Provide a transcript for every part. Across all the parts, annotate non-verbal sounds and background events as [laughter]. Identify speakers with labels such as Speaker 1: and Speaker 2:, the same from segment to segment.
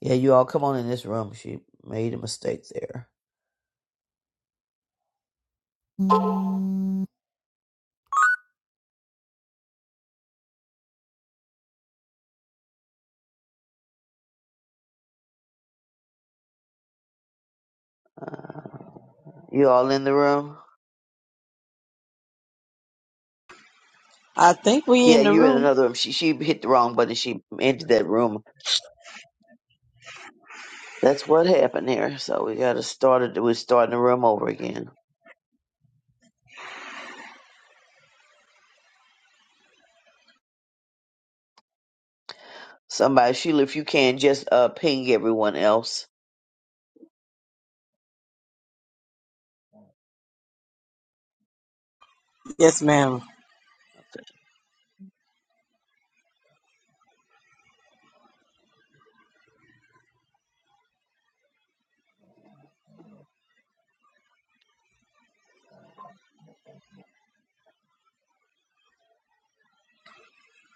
Speaker 1: Yeah, you all come on in this room. She made a mistake there. You all in the room?
Speaker 2: I think we
Speaker 1: Yeah,
Speaker 2: in the
Speaker 1: you in
Speaker 2: room.
Speaker 1: another room. She she hit the wrong button. She entered that room. That's what happened here. So we gotta start it. We're starting the room over again. Somebody, Sheila, if you can, just uh ping everyone else.
Speaker 2: Yes, ma'am.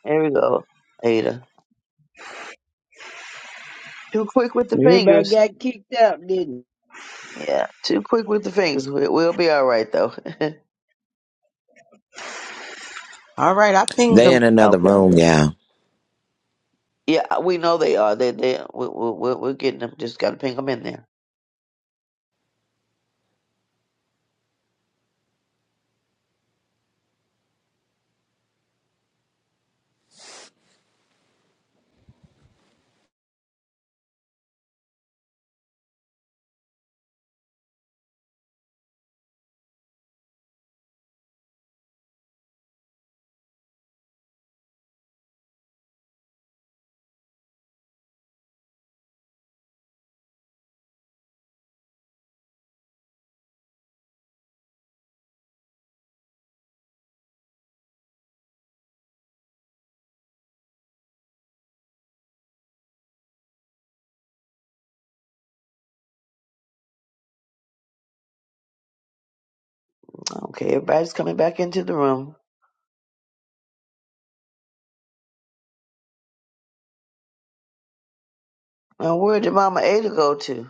Speaker 1: There we go, Ada. Too quick with the
Speaker 3: Everybody
Speaker 1: fingers.
Speaker 3: got kicked out, didn't
Speaker 1: Yeah, too quick with the fingers. We, we'll be all right though. [laughs]
Speaker 2: All right, I pinged
Speaker 4: They
Speaker 2: him.
Speaker 4: in another
Speaker 1: okay.
Speaker 4: room, yeah.
Speaker 1: Yeah, uh, we know they are. They they we, we, we're we're getting them. Just gotta ping them in there. Okay, everybody's coming back into the room. And where did Mama Ada go to?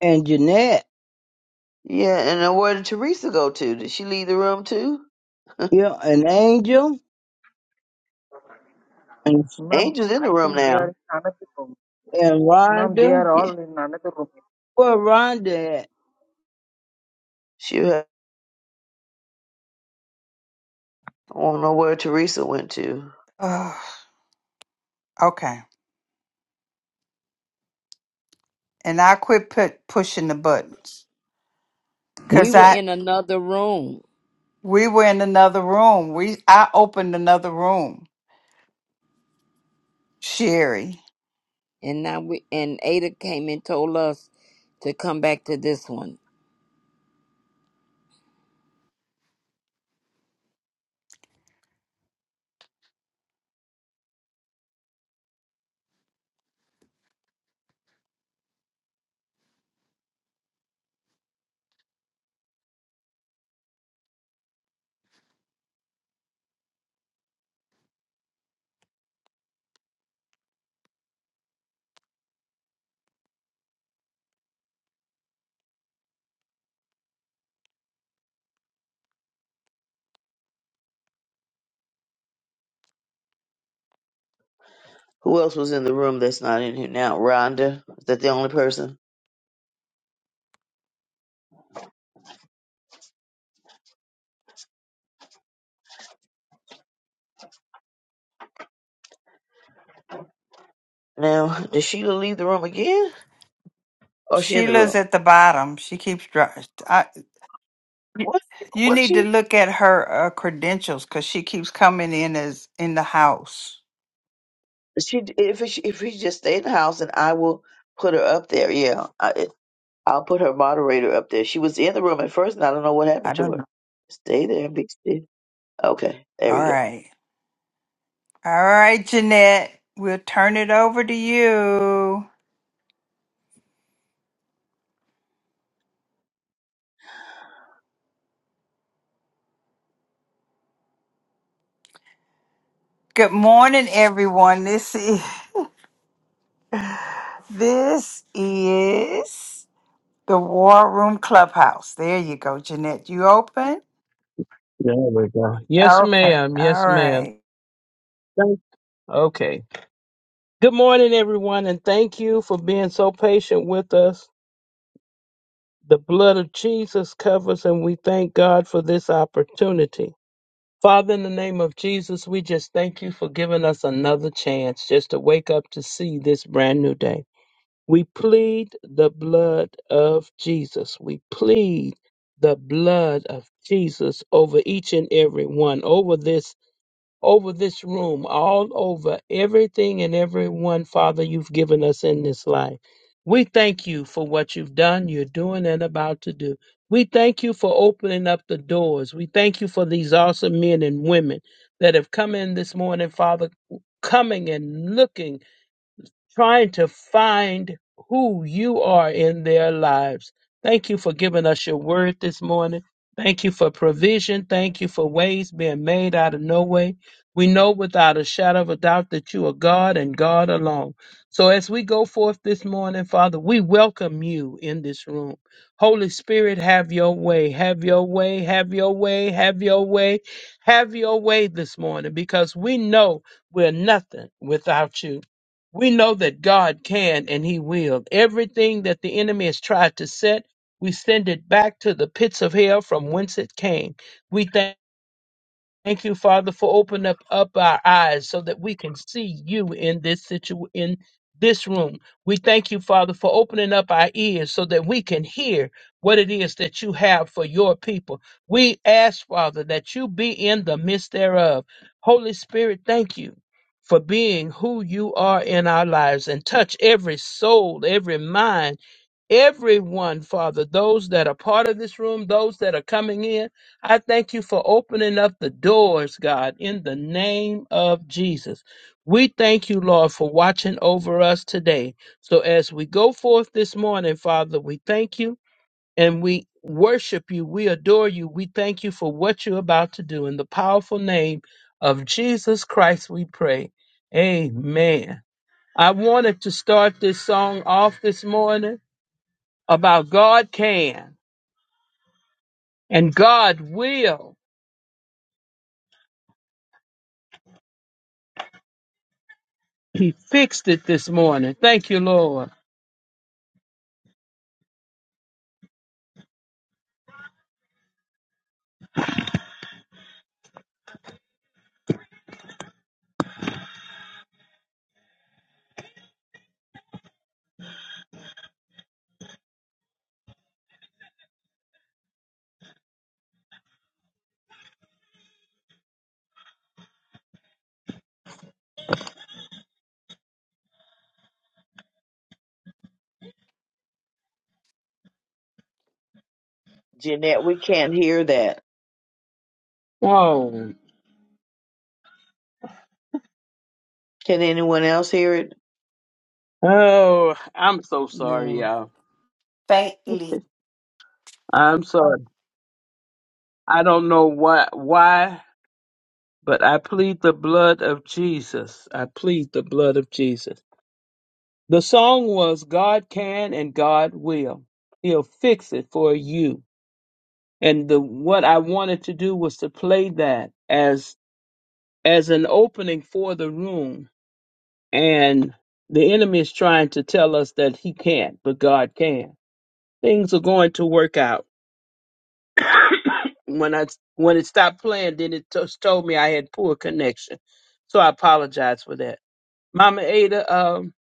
Speaker 3: they? And Jeanette,
Speaker 1: Yeah, and then where did Teresa go to? Did she leave the room too? [laughs]
Speaker 3: yeah, and Angel, and,
Speaker 5: Ma'am,
Speaker 1: Angel's in the
Speaker 5: I
Speaker 1: room
Speaker 5: think they are
Speaker 1: now.
Speaker 5: in another room.
Speaker 3: and
Speaker 5: Ma'am, they are
Speaker 3: Rhonda.
Speaker 1: Yeah,
Speaker 5: all in another
Speaker 3: Where
Speaker 5: room.
Speaker 3: Rhonda at?
Speaker 1: she. ha- I don't know where Teresa went to.
Speaker 6: Ugh, okay. And I quit put pushing the buttons
Speaker 7: We
Speaker 6: because
Speaker 7: were
Speaker 6: I
Speaker 7: in another room,
Speaker 6: we were in another room. We I opened another room. Sherry,
Speaker 7: and now we and Ada came and told us to come back to this one.
Speaker 1: Who else was in the room that's not in here now? Rhonda. Is that the only person? Now, [laughs] did Sheila leave the room again? Or she in the
Speaker 6: Sheila's
Speaker 1: room?
Speaker 6: at the bottom. She keeps. dr- I,
Speaker 1: What?
Speaker 6: you
Speaker 1: What is
Speaker 6: need to
Speaker 1: she?
Speaker 6: look at her uh, credentials because she keeps coming in as in the house.
Speaker 1: She if she, if she just stay in the house and I will put her up there. Yeah, I, it- I'll put her moderator up there. She was in the room at first, and I don't know what
Speaker 6: I
Speaker 1: happened to
Speaker 6: don't
Speaker 1: her.
Speaker 6: know.
Speaker 1: Stay there and be still. Okay, there
Speaker 6: All
Speaker 1: we go.
Speaker 6: right, all right, Jeanette. We'll turn it over to you. Good morning, everyone. This is this is. The War Room Clubhouse. There you go, Jeanette. You open?
Speaker 8: There we go. Yes,
Speaker 6: Okay.
Speaker 8: ma'am.
Speaker 6: All
Speaker 8: Yes, ma'am.
Speaker 6: right.
Speaker 8: Thank- Okay. Good morning, everyone, and thank you for being so patient with us. The blood of Jesus covers, and we thank God for this opportunity. Father, in the name of Jesus, we just thank you for giving us another chance just to wake up to see this brand new day. We plead the blood of Jesus. We plead the blood of Jesus over each and every one, over this over this room, all over everything and everyone, Father, you've given us in this life. We thank you for what you've done, you're doing, and about to do. We thank you for opening up the doors. We thank you for these awesome men and women that have come in this morning, Father, coming and looking trying to find who you are in their lives. Thank you for giving us your word this morning. Thank you for provision. Thank you for ways being made out of no way. We know without a shadow of a doubt that you are God and God alone. So as we go forth this morning, Father, we welcome you in this room. Holy Spirit, have your way, have your way, have your way, have your way, have your way this morning because we know we're nothing without you. We know that God can and He will. Everything that the enemy has tried to set, we send it back to the pits of hell from whence it came. We thank Thank you, Father, for opening up, up our eyes so that we can see you in this situ in this room. We thank you, Father, for opening up our ears so that we can hear what it is that you have for your people. We ask, Father, that you be in the midst thereof. Holy Spirit, thank you for being who you are in our lives and touch every soul, every mind everyone, Father, those that are part of this room, those that are coming in. I thank you for opening up the doors, God, in the name of Jesus. We thank you, Lord, for watching over us today. So as we go forth this morning, Father, we thank you and we worship you. We adore you. We thank you for what you're about to do. In the powerful name of Jesus Christ, we pray. Amen. I wanted to start this song off this morning about God can and God will. He fixed it this morning. Thank you, Lord.
Speaker 1: Jeanette, we can't hear that.
Speaker 8: Whoa.
Speaker 1: Can anyone else hear it?
Speaker 8: Oh, I'm so sorry,
Speaker 7: No,
Speaker 8: y'all.
Speaker 6: faintly.
Speaker 8: I'm sorry. I don't know why, why, but I plead the blood of Jesus. I plead the blood of Jesus. The song was God can and God will. He'll fix it for you. And the what I wanted to do was to play that as as an opening for the room and the enemy is trying to tell us that he can't, but God can. Things are going to work out. When I when it stopped playing, then it just told me I had poor connection, so I apologize for that. Mama Ada, um,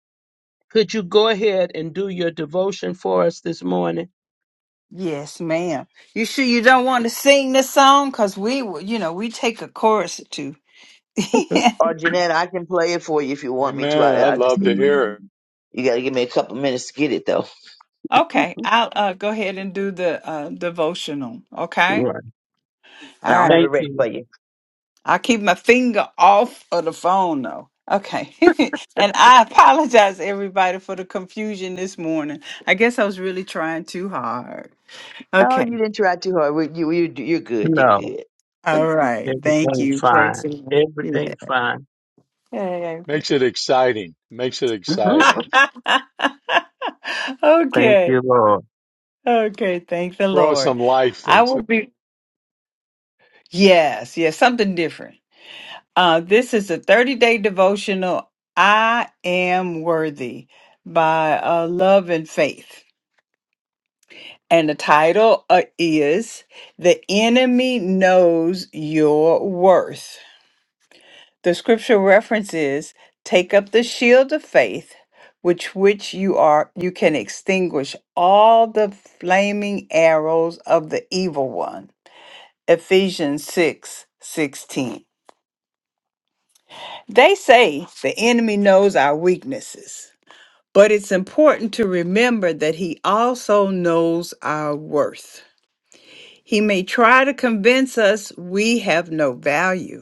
Speaker 8: could you go ahead and do your devotion for us this morning?
Speaker 6: Yes, ma'am. You sure you don't want to sing this song? Cause we, will- you know, we take a chorus or two.
Speaker 8: [laughs] right.
Speaker 1: Or Jeanette, I can play it for you if you want me to.
Speaker 9: Amen.
Speaker 1: I,
Speaker 9: I'd
Speaker 1: I just
Speaker 9: love to hear it.
Speaker 1: you got to give me a couple minutes to get it though,
Speaker 6: Okay, I'll uh, go ahead and do the uh, devotional. Okay.
Speaker 1: and I'll
Speaker 6: All right.
Speaker 1: have it
Speaker 8: Thank
Speaker 1: ready for
Speaker 8: you.
Speaker 1: you.
Speaker 6: I'll keep my finger off of the phone though. Okay. [laughs] and I apologize everybody for the confusion this morning. I guess I was really trying too hard.
Speaker 1: No,
Speaker 6: Okay.
Speaker 1: you didn't try too hard. We- You you you're good. You're
Speaker 8: No,
Speaker 1: good.
Speaker 6: All right. Thank
Speaker 8: everything's
Speaker 6: you. Praise
Speaker 8: fine.
Speaker 6: the Lord. Yeah.
Speaker 8: Everything's fine.
Speaker 6: Okay.
Speaker 9: Makes it exciting. Makes it
Speaker 8: hmm
Speaker 9: exciting.
Speaker 6: [laughs]
Speaker 8: Thank
Speaker 6: okay.
Speaker 8: you, Lord.
Speaker 6: Okay. Thank the
Speaker 9: Draw
Speaker 6: Lord.
Speaker 9: some life
Speaker 6: I
Speaker 9: into.
Speaker 6: will
Speaker 9: it.
Speaker 6: be, yes, yes, something different. Uh, this is a 30 day devotional, I Am Worthy by uh, Love and Faith. And the title uh, is The Enemy Knows Your Worth. The scripture reference is take up the shield of faith, which which you are you can extinguish all the flaming arrows of the evil one. Ephesians 6 16. They say the enemy knows our weaknesses, but it's important to remember that he also knows our worth. He may try to convince us we have no value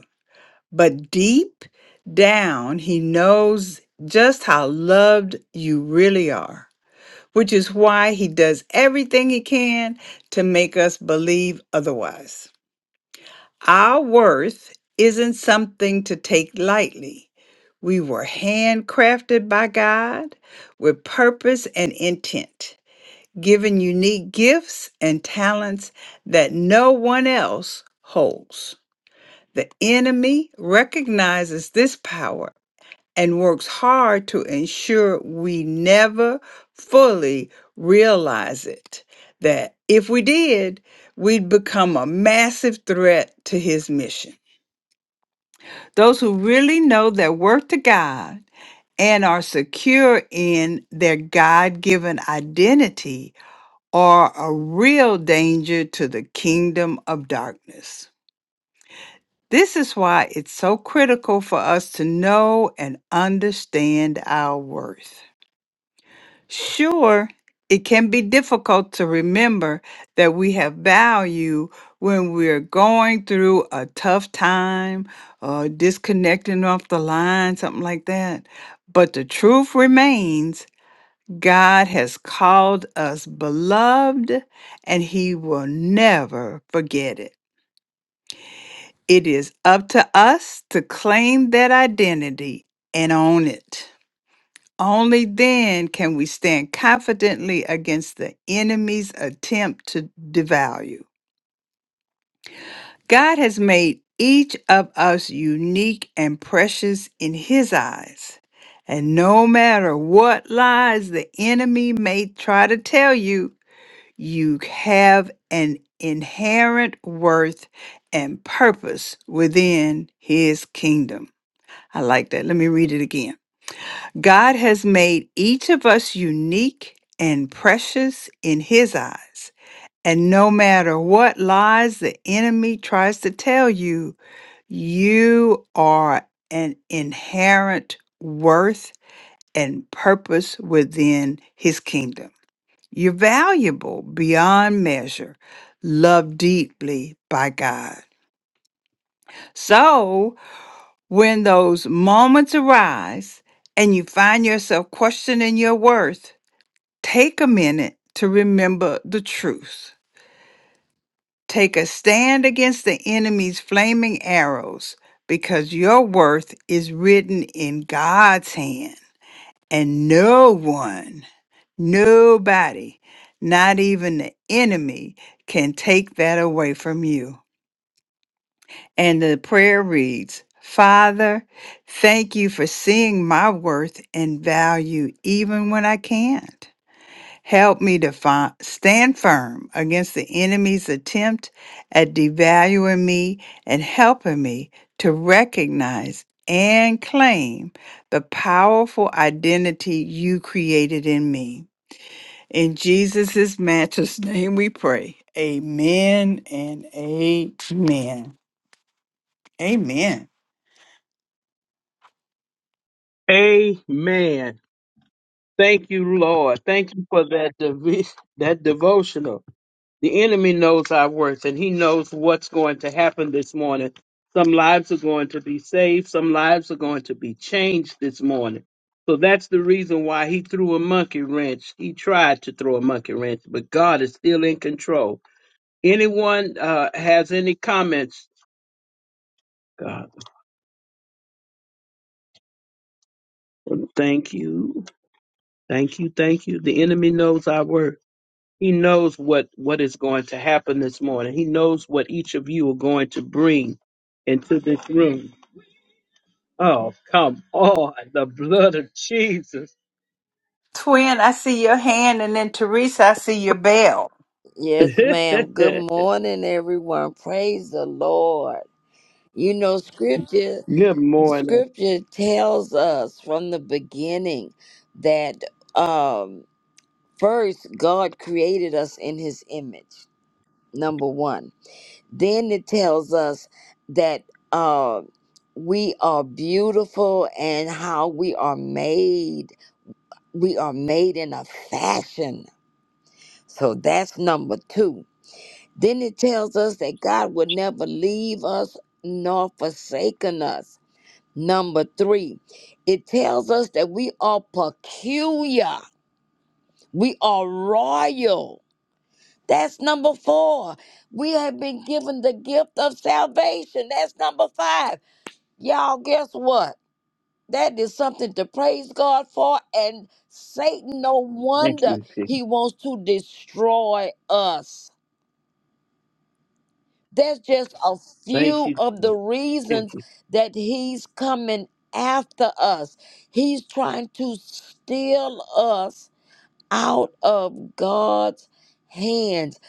Speaker 6: But deep down, he knows just how loved you really are, which is why he does everything he can to make us believe otherwise. Our worth isn't something to take lightly. We were handcrafted by God with purpose and intent, given unique gifts and talents that no one else holds. The enemy recognizes this power and works hard to ensure we never fully realize it. That if we did, we'd become a massive threat to his mission. Those who really know their worth to God and are secure in their God given identity are a real danger to the kingdom of darkness. This is why it's so critical for us to know and understand our worth. Sure, it can be difficult to remember that we have value when we're going through a tough time or disconnecting off the line, something like that. But the truth remains God has called us beloved and He will never forget it. It is up to us to claim that identity and own it. Only then can we stand confidently against the enemy's attempt to devalue. God has made each of us unique and precious in His eyes. And no matter what lies the enemy may try to tell you, you have an inherent worth and purpose within His kingdom. I like that. Let me read it again. God has made each of us unique and precious in His eyes. And no matter what lies the enemy tries to tell you, you are an inherent worth and purpose within His kingdom. You're valuable beyond measure, loved deeply by God. So when those moments arise and you find yourself questioning your worth, Take a minute to remember the truth. Take a stand against the enemy's flaming arrows because your worth is written in God's hand. And no one, nobody, not even the enemy, can take that away from you. And the prayer reads Father, thank you for seeing my worth and value even when I can't. Help me to fi- stand firm against the enemy's attempt at devaluing me and helping me to recognize and claim the powerful identity you created in me. In Jesus' matchless name we pray. Amen and amen. Amen.
Speaker 8: Amen. Thank you, Lord. Thank you for that dev- [laughs] that devotional. The enemy knows our worth and he knows what's going to happen this morning. Some lives are going to be saved, some lives are going to be changed this morning. So that's the reason why he threw a monkey wrench. He tried to throw a monkey wrench, but God is still in control. Anyone uh, has any comments? God, thank you. Thank you. Thank you. The enemy knows our worth. He knows what what is going to happen this morning. He knows what each of you are going to bring into this room. Oh, come on, the blood of Jesus.
Speaker 6: Twin, I see your hand, and then Teresa, I see your bell.
Speaker 8: [laughs]
Speaker 7: yes,
Speaker 8: Good
Speaker 7: ma'am. Good morning, everyone. Praise the Lord. You know, scripture
Speaker 8: morning.
Speaker 7: scripture tells us from the beginning that um, first God created us in His image. Number one. Then it tells us that uh, we are beautiful and how we are made. We are made in a fashion. So that's number two. Then it tells us that God will never leave us nor forsaken us. Number three, it tells us that we are peculiar. We are royal. That's number four. We have been given the gift of salvation. That's number five. Y'all, guess what? That is something to praise God for. And Satan, no
Speaker 8: Thank
Speaker 7: wonder
Speaker 8: you, Jesus.
Speaker 7: he wants to destroy us. That's just a
Speaker 8: Thank
Speaker 7: few
Speaker 8: you,
Speaker 7: of
Speaker 8: Jesus.
Speaker 7: the
Speaker 8: Thank
Speaker 7: reasons
Speaker 8: you.
Speaker 7: that he's coming after us. He's trying to steal us out of God's hands.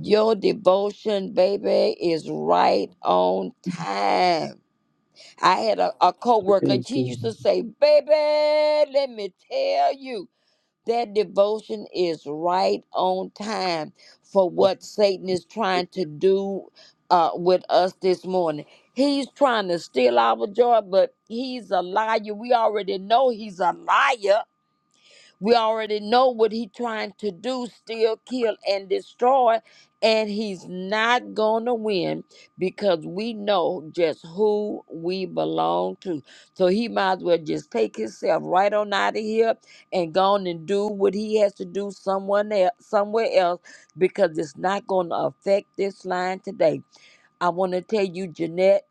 Speaker 7: Your devotion, baby, is right on time. I had a, a co-worker, and
Speaker 8: Thank
Speaker 7: she
Speaker 8: you.
Speaker 7: used to say, baby, let me tell you, that devotion is right on time for what Satan is trying to do uh, with us this morning. He's trying to steal our joy, but he's a liar. We already know he's a liar we already know what he's trying to do, steal, kill, and destroy. And he's not gonna win because we know just who we belong to. So he might as well just take himself right on out of here and go on and do what he has to do someone else somewhere else because it's not gonna affect this line today. I wanna tell you, Jeanette.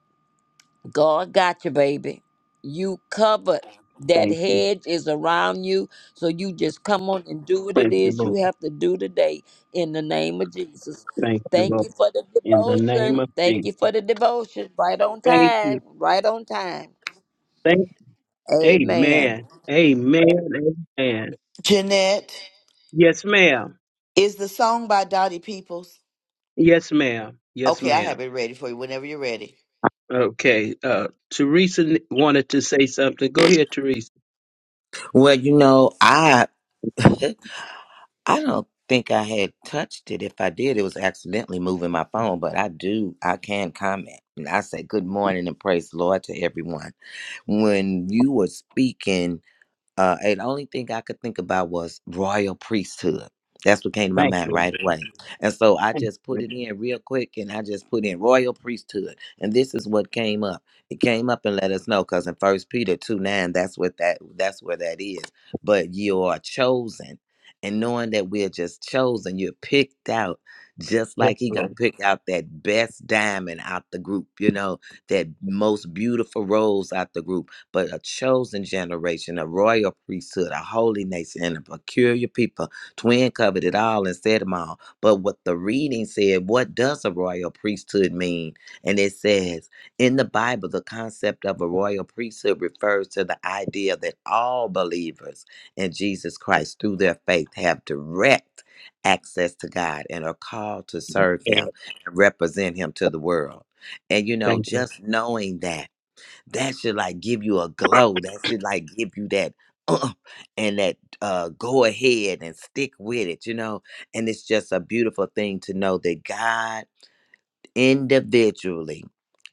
Speaker 7: God got you, baby. You covered. That
Speaker 8: Thank you.
Speaker 7: hedge is around you. So you just come on and do what it
Speaker 8: Thank you,
Speaker 7: is you
Speaker 8: Lord.
Speaker 7: have to do today in the name of Jesus.
Speaker 8: Thank you,
Speaker 7: Thank
Speaker 8: Lord.
Speaker 7: you for the
Speaker 8: In the name
Speaker 7: devotion.
Speaker 8: of
Speaker 7: Thank
Speaker 8: Jesus.
Speaker 7: you for the devotion. Right on
Speaker 8: Thank you.
Speaker 7: time. Right on time.
Speaker 8: Thank
Speaker 7: Amen.
Speaker 8: Amen. Amen. Amen.
Speaker 10: Jeanette,
Speaker 8: Yes, ma'am.
Speaker 10: is the song by Dottie Peoples?
Speaker 8: Yes, ma'am. Yes,
Speaker 10: Okay, I
Speaker 8: ma'am.
Speaker 10: have it ready for you whenever you're ready.
Speaker 8: Okay. Uh, Teresa n- wanted to say something. Go ahead, Teresa.
Speaker 4: Well, you know, I [laughs] I don't think I had touched it. If I did, it was accidentally moving my phone, but I do I can comment. And I say good morning and praise the Lord to everyone. When you were speaking Uh, and the only thing I could think about was royal priesthood. That's what came to my
Speaker 8: Thank
Speaker 4: mind
Speaker 8: you.
Speaker 4: right away. And so I
Speaker 8: Thank
Speaker 4: just
Speaker 8: you.
Speaker 4: put it in real quick and I just put in royal priesthood. And this is what came up. It came up and let us know because in first Peter 2 9, that's what that that's where that is. But you are chosen. And knowing that we're just chosen, you're picked out just
Speaker 8: Yes,
Speaker 4: like he gonna
Speaker 8: Lord.
Speaker 4: pick out that best diamond out the group, you know, that most beautiful rose out the group but a chosen generation, a royal priesthood, a holy nation, and a peculiar people. Twin covered it all and said them all. But what the reading said, what does a royal priesthood mean? And it says, in the Bible, the concept of a royal priesthood refers to the idea that all believers in Jesus Christ through their faith have direct access to God and are called to serve
Speaker 8: Yeah,
Speaker 4: Him and represent Him to the world. And you know,
Speaker 8: Thank
Speaker 4: just knowing that that should like give you a glow. That should like give you that uh, and that uh, go ahead and stick with it, you know. And it's just a beautiful thing to know that God individually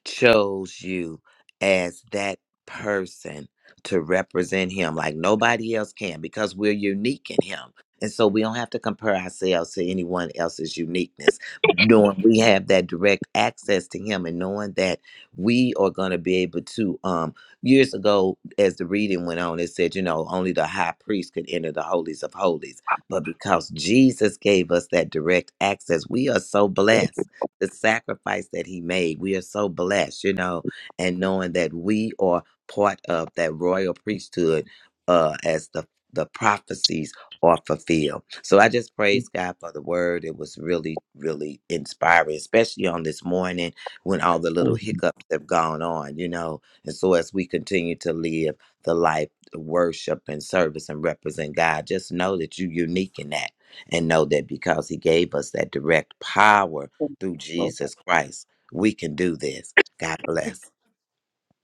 Speaker 4: chose you as that person to represent him like nobody else can because we're unique in him. And so we don't have to compare ourselves to anyone else's uniqueness, knowing we have that direct access to him and knowing that we are going to be able to. Um, years ago, as the reading went on, it said, you know, only the high priest could enter the holies of holies. But because Jesus gave us that direct access, we are so blessed the sacrifice that he made. We are so blessed, you know, and knowing that we are part of that royal priesthood uh, as the the prophecies are fulfilled. So I just
Speaker 8: you.
Speaker 4: praise God for the word. It was really, really inspiring, especially on this morning when all the little
Speaker 8: Thank
Speaker 4: hiccups have gone on, you know. And so as we continue to live the life, the worship and service and represent God, just know that you're unique in that. And know that because he gave us that direct power
Speaker 8: you,
Speaker 4: through
Speaker 8: Lord.
Speaker 4: Jesus Christ. We can do this. God bless.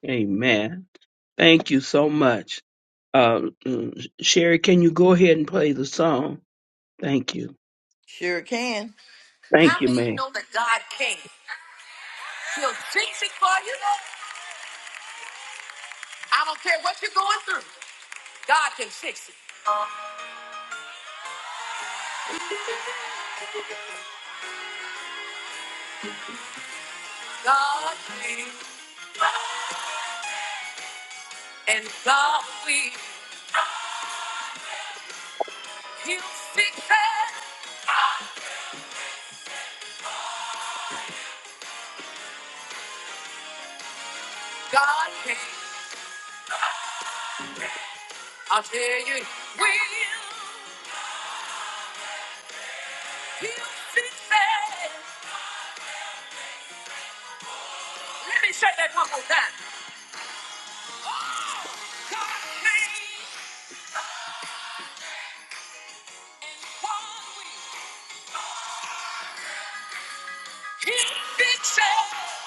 Speaker 8: Amen. Thank you so much. Uh, mm, Sherry, can you go ahead and play the song? Thank you.
Speaker 10: Sure can.
Speaker 8: Thank
Speaker 10: How
Speaker 8: you,
Speaker 10: many
Speaker 8: man.
Speaker 10: know that God can? He'll fix it for you. I don't care what you're going through. God can fix it. God can and God will. He'll fix it. God can. I'll tell you, he will. He'll fix it. Let me say that one more time. Oh, God can and God will. He'll fix it.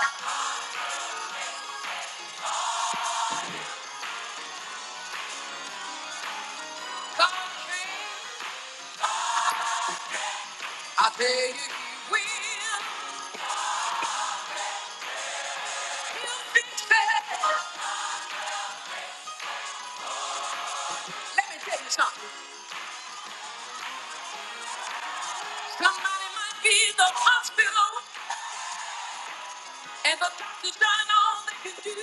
Speaker 10: God can. I tell you, he will. He'll fix it. Let me tell you something. Somebody might be in the hospital, and the doctor's done all they can do.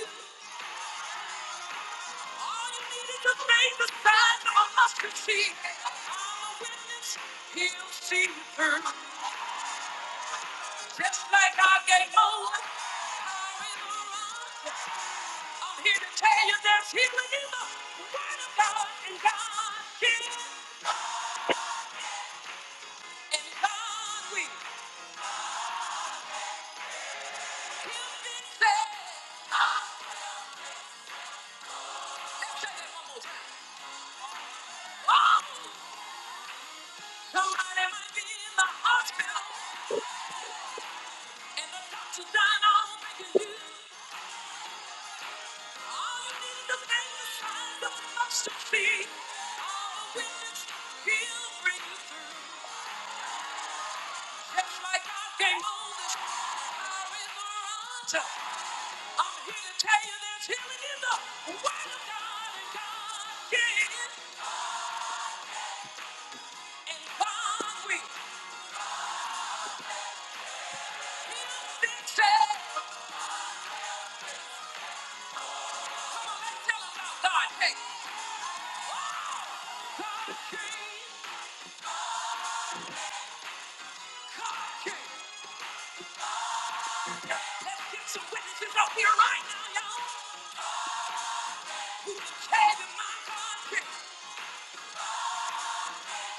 Speaker 10: All you need is a faith the size of a mustard seed. I'm a witness. He'll see you through, just like I gave Noah. power in the rock. I'm here to tell you there's healing in the Word of God, and God can. And God will heal this land. Ah, Let's say that one more time. Oh, somebody might be in the hospital, and the doctor's done all they can do. All you need is a name to sign the cross to see. All the witness, he'll bring you through. Just like God gave Moses power in the altar. I'm here to tell you there's healing in the Word of God, and God can. And God we said, come let's tell Hey, get some witnesses up here right now, y'all. Who came in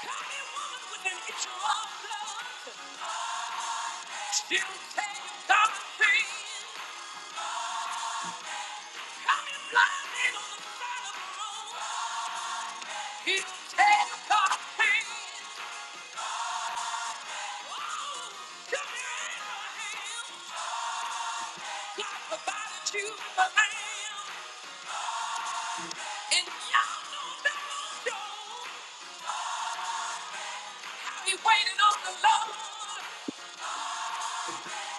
Speaker 10: Come in, woman, with an itch of blood. Still came, God came. Come in, blind man on the side of the road. He came, God came. Oh, come here, Abraham. I provided you for man, and you're on the wrong side. I'll be waiting on the Lord.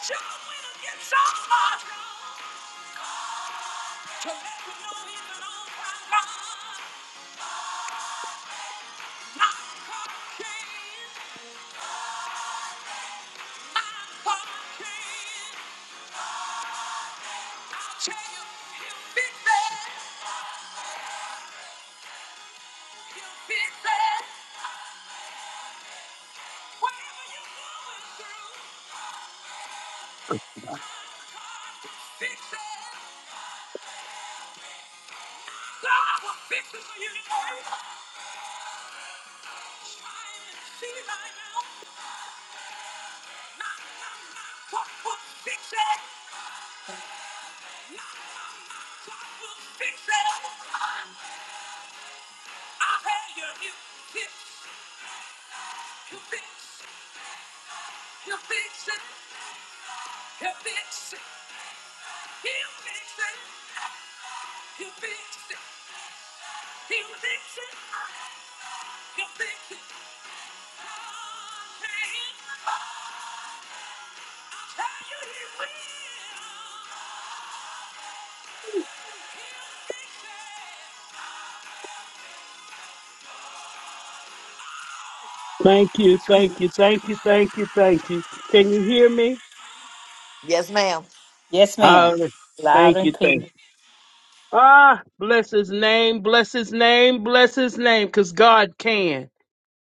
Speaker 10: You're gonna get so far to let you know even on my mind. I'm fixing, I'm fixing. I'll tell you, I'm fixing, I'm fixing. Whatever you're going through, I'm fixing, I'm fixing for you. today.
Speaker 8: Thank you, thank you, thank you, thank you, thank you. Can you hear me?
Speaker 10: Yes, ma'am.
Speaker 6: Yes,
Speaker 8: Uh,
Speaker 6: ma'am. Loud
Speaker 8: thank
Speaker 6: and
Speaker 8: you,
Speaker 6: clear.
Speaker 8: thank you. Ah, bless his name, bless his name, bless his name, because God can.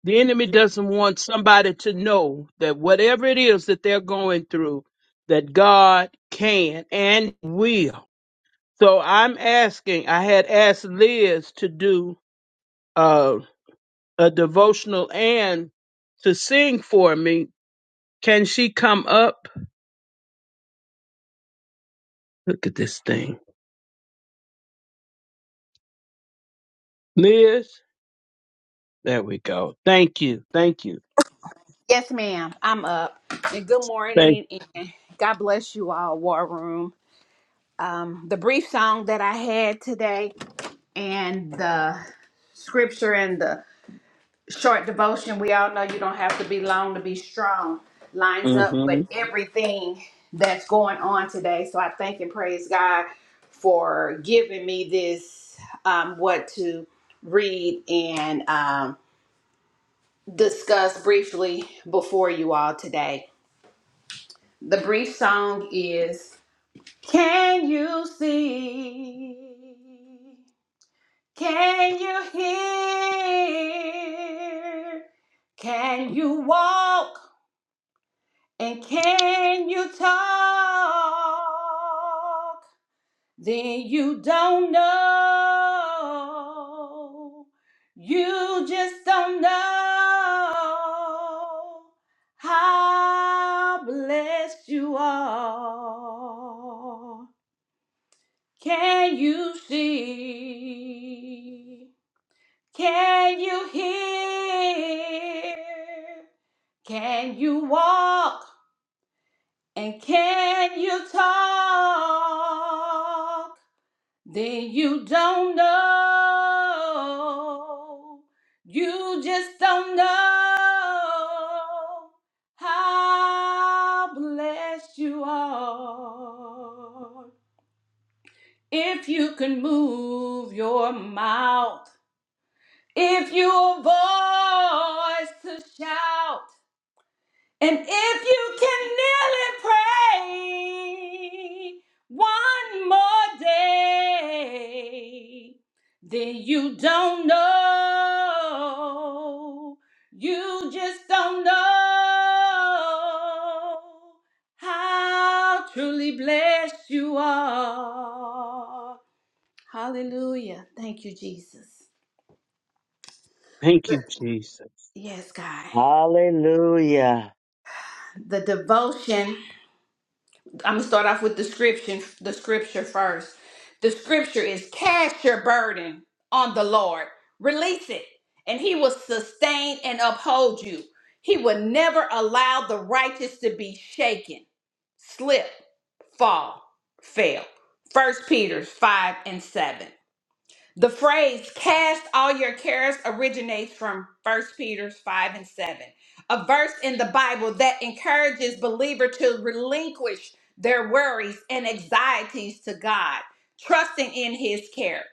Speaker 8: The enemy doesn't want somebody to know that whatever it is that they're going through, that God can and will. So I'm asking, I had asked Liz to do uh, a devotional and to sing for me. Can she come up? Look at this thing. Liz, there we go. Thank you. Thank you.
Speaker 11: Yes, ma'am. I'm up. And good
Speaker 8: Thank
Speaker 11: morning and God bless you all, War Room. Um, the brief song that I had today and the scripture and the short devotion, we all know you don't have to be long to be strong, lines up
Speaker 8: hmm
Speaker 11: with everything that's going on today. So I thank and praise God for giving me this, um, what to read and um, discuss briefly before you all today. The brief song is Can you see? Can you hear? Can you walk? And can you talk? then you don't know. You just don't know how blessed you are. Can you see? Can you hear? Can you walk? And can you talk? then you don't know. You just don't know how blessed you are. If you can move your mouth, if you a voice to shout, and if you can kneel and pray one more day, then you don't know. You just don't know how truly blessed you are. Hallelujah. Thank you, Jesus.
Speaker 8: Thank you, Jesus.
Speaker 11: Yes, God.
Speaker 1: Hallelujah.
Speaker 11: The devotion. I'm gonna start off with the scripture. The scripture first. The scripture is cast your burden on the Lord, release it, and He will sustain and uphold you. He will never allow the righteous to be shaken, slip, fall, fail. First Peter five and seven. The phrase cast all your cares originates from First Peter 5 and 7, a verse in the Bible that encourages believers to relinquish their worries and anxieties to God, trusting in his care.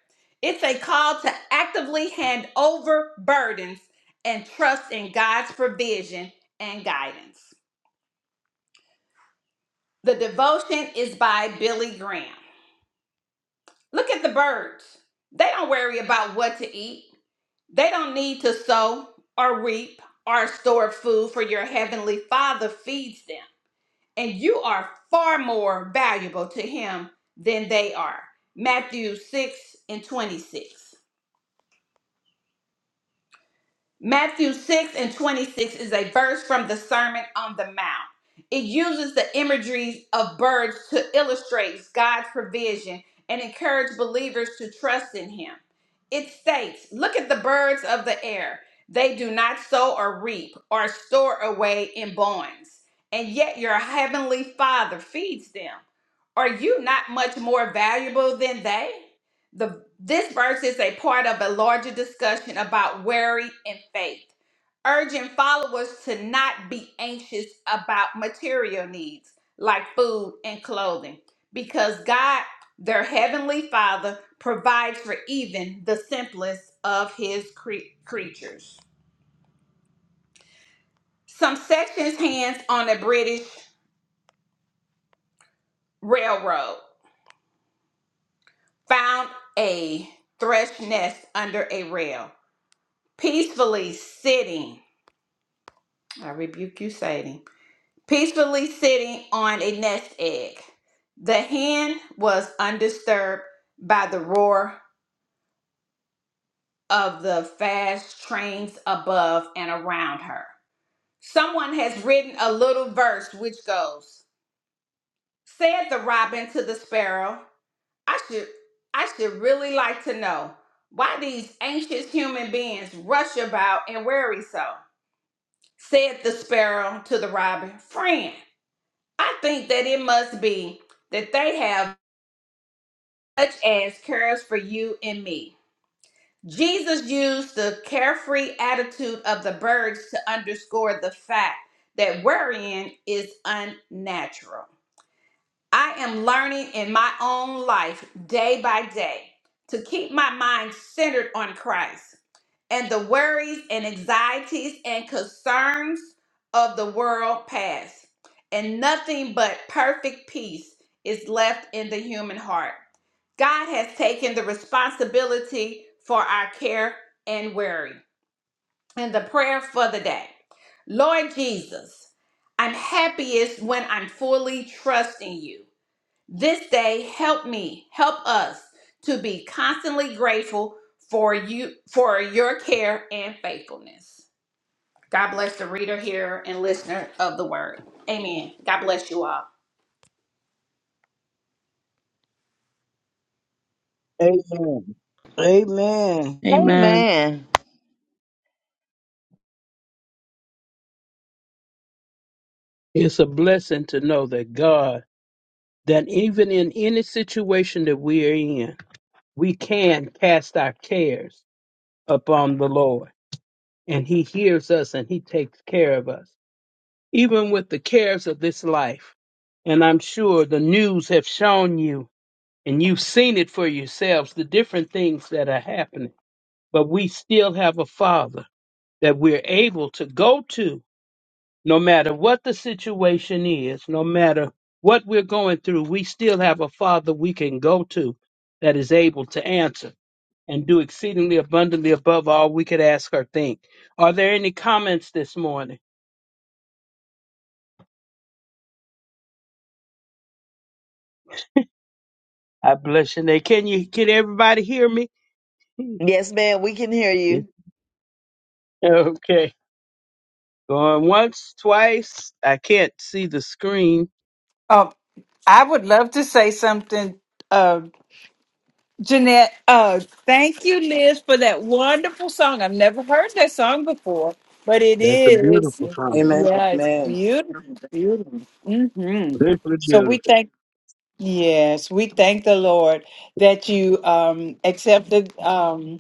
Speaker 11: It's a call to actively hand over burdens and trust in God's provision and guidance. The devotion is by Billy Graham. Look at the birds. They don't worry about what to eat. They don't need to sow or reap or store food, for your heavenly Father feeds them. And you are far more valuable to Him than they are. Matthew 6 and 26. Matthew 6 and 26 is a verse from the Sermon on the Mount. It uses the imageries of birds to illustrate God's provision and encourage believers to trust in Him. It states, Look at the birds of the air. They do not sow or reap or store away in barns, and yet your heavenly Father feeds them. Are you not much more valuable than they? The, this verse is a part of a larger discussion about worry and faith, urging followers to not be anxious about material needs like food and clothing, because God, their heavenly Father, provides for even the simplest of His cre- creatures. Some sections hands on a British railroad found a thrush nest under a rail, peacefully sitting I rebuke you, Satan. Peacefully sitting on a nest egg. The hen was undisturbed by the roar of the fast trains above and around her. Someone has written a little verse which goes, Said the robin to the sparrow, I should I should really like to know why these anxious human beings rush about and worry so. Said the sparrow to the robin, Friend. I think that it must be that they have such as cares for you and me. Jesus used the carefree attitude of the birds to underscore the fact that worrying is unnatural. I am learning in my own life day by day to keep my mind centered on Christ. and the worries and anxieties and concerns of the world pass, and nothing but perfect peace is left in the human heart. God has taken the responsibility for our care and worry. And the prayer for the day Lord Jesus, I'm happiest when I'm fully trusting you. This day, help me, help us to be constantly grateful for you, for your care and faithfulness. God bless the reader, hearer, and listener of the word. Amen. God bless you all.
Speaker 3: Amen. Amen.
Speaker 12: Amen.
Speaker 1: Amen.
Speaker 8: It's a blessing to know that God, that even in any situation that we are in, we can cast our cares upon the Lord. And He hears us and He takes care of us. Even with the cares of this life. And I'm sure the news have shown you and you've seen it for yourselves, the different things that are happening. But we still have a Father that we're able to go to no matter what the situation is, no matter what we're going through, we still have a Father we can go to that is able to answer and do exceedingly abundantly above all we could ask or think. Are there any comments this morning? I bless your name. Can you can everybody hear me? [laughs]
Speaker 1: Yes, ma'am. We can hear you.
Speaker 8: Okay. Going once, twice. I can't see the screen.
Speaker 6: Um, I would love to say something, uh, Jeanette. Uh, thank you, Liz, for that wonderful song. I've never heard that song before, but it
Speaker 8: That's a
Speaker 6: is.
Speaker 8: beautiful song.
Speaker 13: Amen.
Speaker 6: Yeah, it's
Speaker 13: Amen.
Speaker 6: beautiful, beautiful. hmm
Speaker 8: Beautiful,
Speaker 6: So we
Speaker 8: beautiful.
Speaker 6: thank. Yes, we thank the Lord that you um, accepted. Um,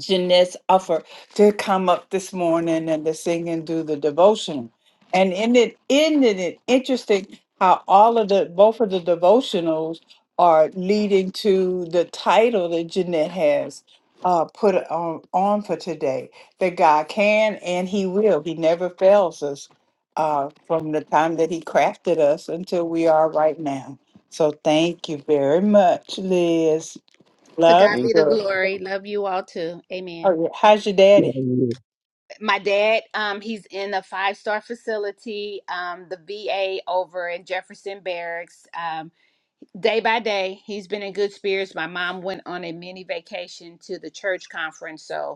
Speaker 6: Jeanette's offer to come up this morning and to sing and do the devotion. And in it ended it interesting how all of the both of the devotionals are leading to the title that Jeanette has uh, put on, on for today that God can and He will. He never fails us uh, from the time that He crafted us until we are right now. So thank you very much, Liz.
Speaker 11: To
Speaker 6: Love.
Speaker 11: God
Speaker 8: Thank
Speaker 11: be the
Speaker 6: you.
Speaker 11: glory. Love you all too. Amen.
Speaker 6: Oh, yeah. How's your daddy?
Speaker 8: you.
Speaker 11: My dad, um, he's in a five star facility, um, the VA over in Jefferson Barracks. Um, day by day, he's been in good spirits. My mom went on a mini vacation to the church conference, so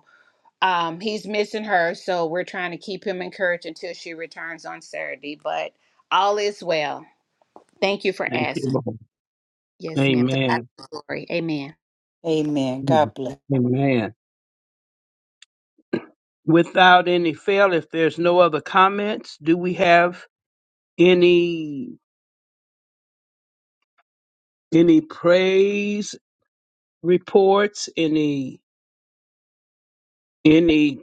Speaker 11: um, he's missing her, so we're trying to keep him encouraged until she returns on Saturday. But all is well. Thank you for
Speaker 8: Thank you.
Speaker 11: asking.
Speaker 8: Lord.
Speaker 11: Yes, ma'am. To God
Speaker 8: Amen.
Speaker 11: be the glory. Amen.
Speaker 6: Amen. God bless.
Speaker 8: Amen. Without any fail, if there's no other comments, do we have any any praise reports? Any any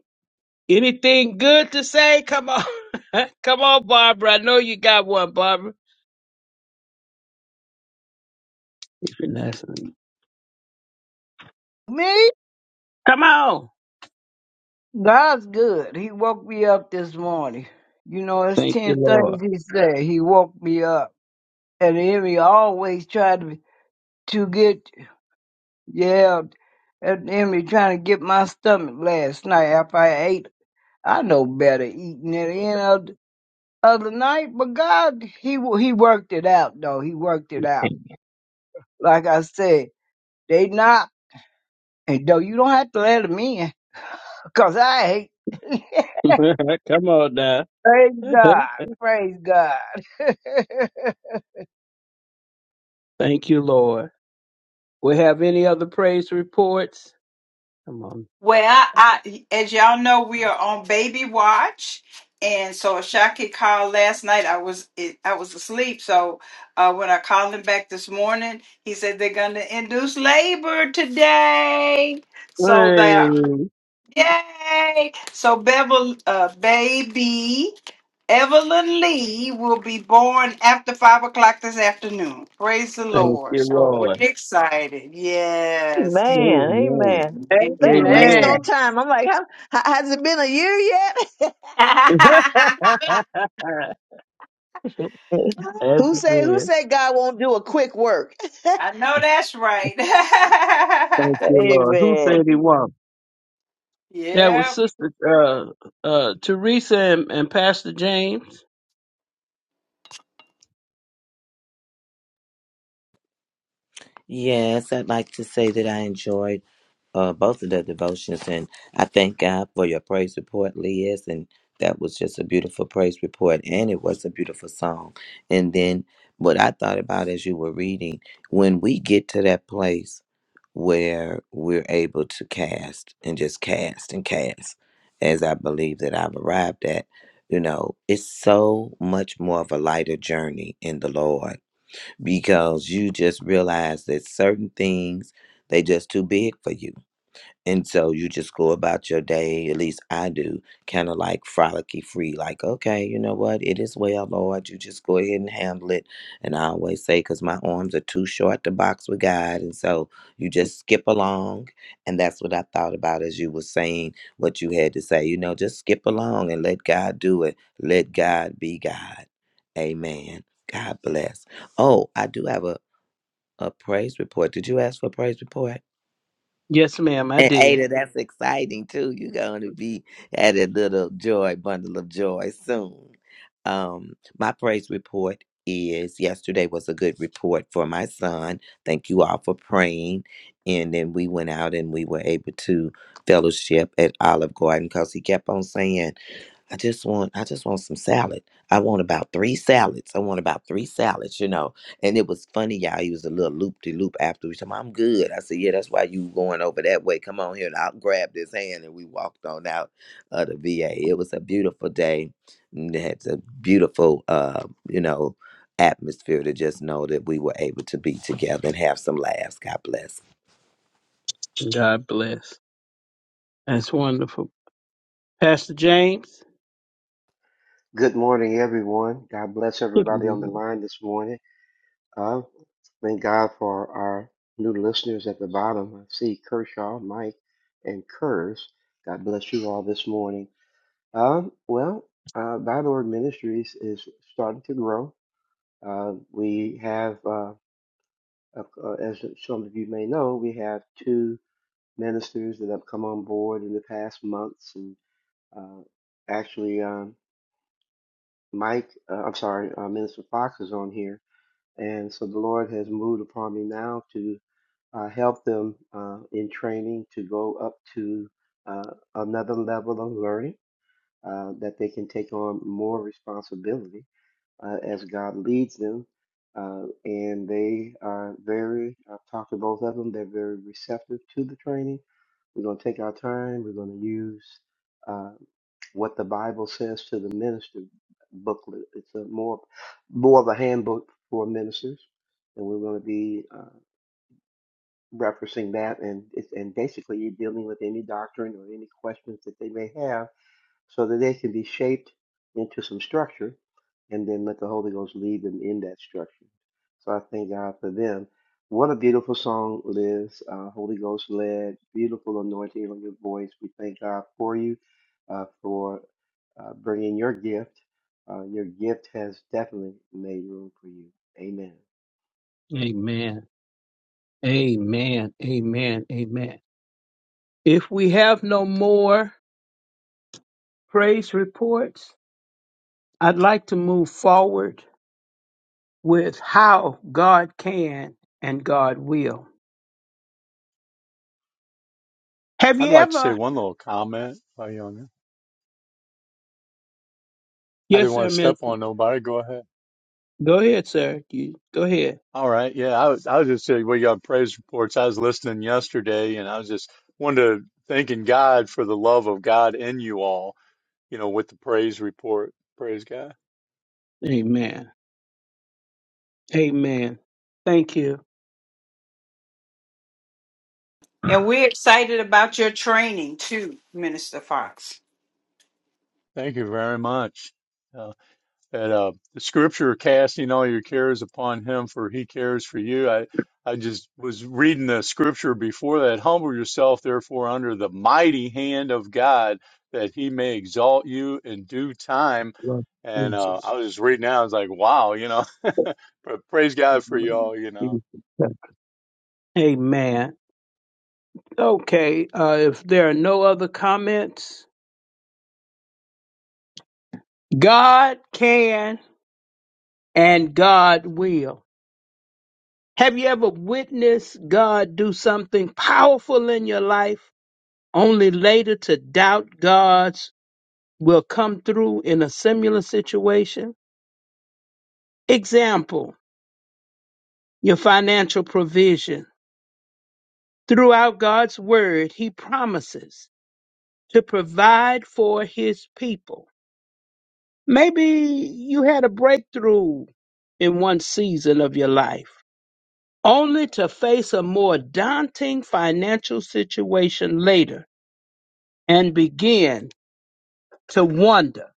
Speaker 8: anything good to say? Come on, [laughs] come on, Barbara. I know you got one, Barbara. That's-
Speaker 3: Me?
Speaker 8: Come on.
Speaker 3: God's good. He woke me up this morning. You know, it's
Speaker 8: Thank you,
Speaker 3: 10
Speaker 8: Lord.
Speaker 3: things he said. He woke me up. And the enemy always tried to, to get, yeah, and the enemy trying to get my stomach last night after I ate. I know better eating it in. other night, but God, he he worked it out though. He worked it out. Like I said, they not, and though you don't have to let them in, cause I hate.
Speaker 8: [laughs] come on now.
Speaker 3: [laughs] Praise
Speaker 8: [laughs]
Speaker 3: God, praise God. [laughs]
Speaker 8: Thank you, Lord. We have any other praise reports? Come
Speaker 6: Well, I, as y'all know, we are on baby watch, and so Ashaki called last night. I was it, I was asleep, so uh, when I called him back this morning, he said they're going to induce labor today. So they are
Speaker 8: on.
Speaker 6: yay! So Bevel, uh, baby Evelyn Lee will be born after five o'clock this afternoon. Praise the
Speaker 8: Thank
Speaker 6: Lord!
Speaker 8: you,
Speaker 6: So we're
Speaker 8: Lord.
Speaker 6: excited. Yes.
Speaker 1: Amen.
Speaker 6: I
Speaker 8: Amen.
Speaker 1: Amen. They ain't wasting no
Speaker 8: Amen.
Speaker 3: Amen.
Speaker 1: time. I'm like, how, how- has it been a year yet?
Speaker 8: [laughs] That's
Speaker 1: [laughs] who said Who
Speaker 8: good.
Speaker 1: said God won't do a quick work?
Speaker 6: know that's
Speaker 8: Thank
Speaker 1: [laughs]
Speaker 6: right.
Speaker 8: you, Lord. Who
Speaker 1: Amen.
Speaker 8: said he won?
Speaker 6: [laughs]
Speaker 8: That was
Speaker 6: yep.
Speaker 8: Sister uh, uh, Teresa and, and Pastor James.
Speaker 4: Yes, I'd like to say that I enjoyed uh, both of the devotions, and I thank God for your praise report, Liz. And that was just a beautiful praise report, and it was a beautiful song. And then what I thought about as you were reading, when we get to that place where we're able to cast and just cast and cast, as I believe that I've arrived at, you know, it's so much more of a lighter journey in the Lord because you just realize that certain things they just too big for you. And so you just go about your day, at least I do, kind of like frolicky free, like, okay, you know what? It is well, Lord. You just go ahead and handle it. And I always say, because my arms are too short to box with God. And so you just skip along. And that's what I thought about as you were saying what you had to say. You know, just skip along and let God do it. Let God be God. Amen. God bless. Oh, I do have a, a praise report. Did you ask for a praise report?
Speaker 8: Yes, ma'am, I
Speaker 4: And
Speaker 8: did.
Speaker 4: Ada, that's exciting too. You're going to be at a little joy, bundle of joy soon. Um, my praise report is yesterday was a good report for my son. Thank you all for praying. And then we went out and we were able to fellowship at Olive Garden because he kept on saying, I just want I just want some salad. I want about three salads. I want about three salads, you know. And it was funny, y'all. He was a little loop de loop after we said, I'm good. I said, Yeah, that's why you going over that way. Come on here. And I grabbed his hand and we walked on out of the VA. It was a beautiful day. and It had a beautiful uh, you know, atmosphere to just know that we were able to be together and have some laughs. God bless.
Speaker 8: God bless. That's wonderful. Pastor James.
Speaker 10: Good morning, everyone. God bless
Speaker 8: Good
Speaker 10: everybody on the
Speaker 8: morning.
Speaker 10: line this morning. Uh, thank God for our new listeners at the bottom. I see Kershaw, Mike, and Kurz. God bless you all this morning. Um, well, uh, Thy Lord Ministries is starting to grow. Uh, we have, uh, uh, uh, as some of you may know, we have two ministers that have come on board in the past months, and uh, actually, um, Mike, uh, I'm sorry, uh, Minister Fox is on here And so the Lord has moved upon me now to uh, help them uh, in training to go up to uh, another level of learning uh, that they can take on more responsibility uh, as God leads them. Uh, and they are very, I've talked to both of them, they're very receptive to the training. We're going to take our time. We're going to use uh, what the Bible says to the minister booklet. It's a more, more of a handbook for ministers. And we're going to be uh, referencing that. And, it's, and basically, you're dealing with any doctrine or any questions that they may have so that they can be shaped into some structure and then let the Holy Ghost lead them in that structure. So I thank God for them. What a beautiful song, Liz. Uh, Holy Ghost led, beautiful anointing on your voice. We thank God for you, uh, for uh, bringing your gift. Uh, your gift has definitely made room for you. Amen.
Speaker 8: Amen. Amen. Amen. Amen. If we have no more praise reports, I'd like to move forward with how God can and God will. Have
Speaker 9: I'd
Speaker 8: you
Speaker 9: like to say
Speaker 8: ever?
Speaker 9: one little comment, while young. I didn't
Speaker 8: Yes,
Speaker 9: want
Speaker 8: sir,
Speaker 9: to step
Speaker 8: Minister.
Speaker 9: on nobody. Go ahead.
Speaker 8: Go ahead, sir. You go ahead.
Speaker 9: All right. Yeah. I was, I was just saying we got praise reports. I was listening yesterday, and I was just wanted to thanking God for the love of God in you all. You know, with the praise report. Praise God.
Speaker 8: Amen. Amen. Thank you,
Speaker 6: And we're excited about your training too, Minister Fox.
Speaker 9: Thank you very much. And uh, the scripture, casting all your cares upon him, for he cares for you. I, I just was reading the scripture before that. Humble yourself, therefore, under the mighty hand of God, that he may exalt you in due time.
Speaker 8: Lord
Speaker 9: And uh, I
Speaker 8: Jesus.
Speaker 9: was just reading that. I was like, wow, you know, [laughs] but praise God for y'all, you know.
Speaker 8: Amen. Okay. Uh, if there are no other comments, God can and God will. Have you ever witnessed God do something powerful in your life, only later to doubt God's will come through in a similar situation? Example, your financial provision. Throughout God's word, he promises to provide for his people. Maybe you had a breakthrough in one season of your life, only to face a more daunting financial situation later and begin to wonder,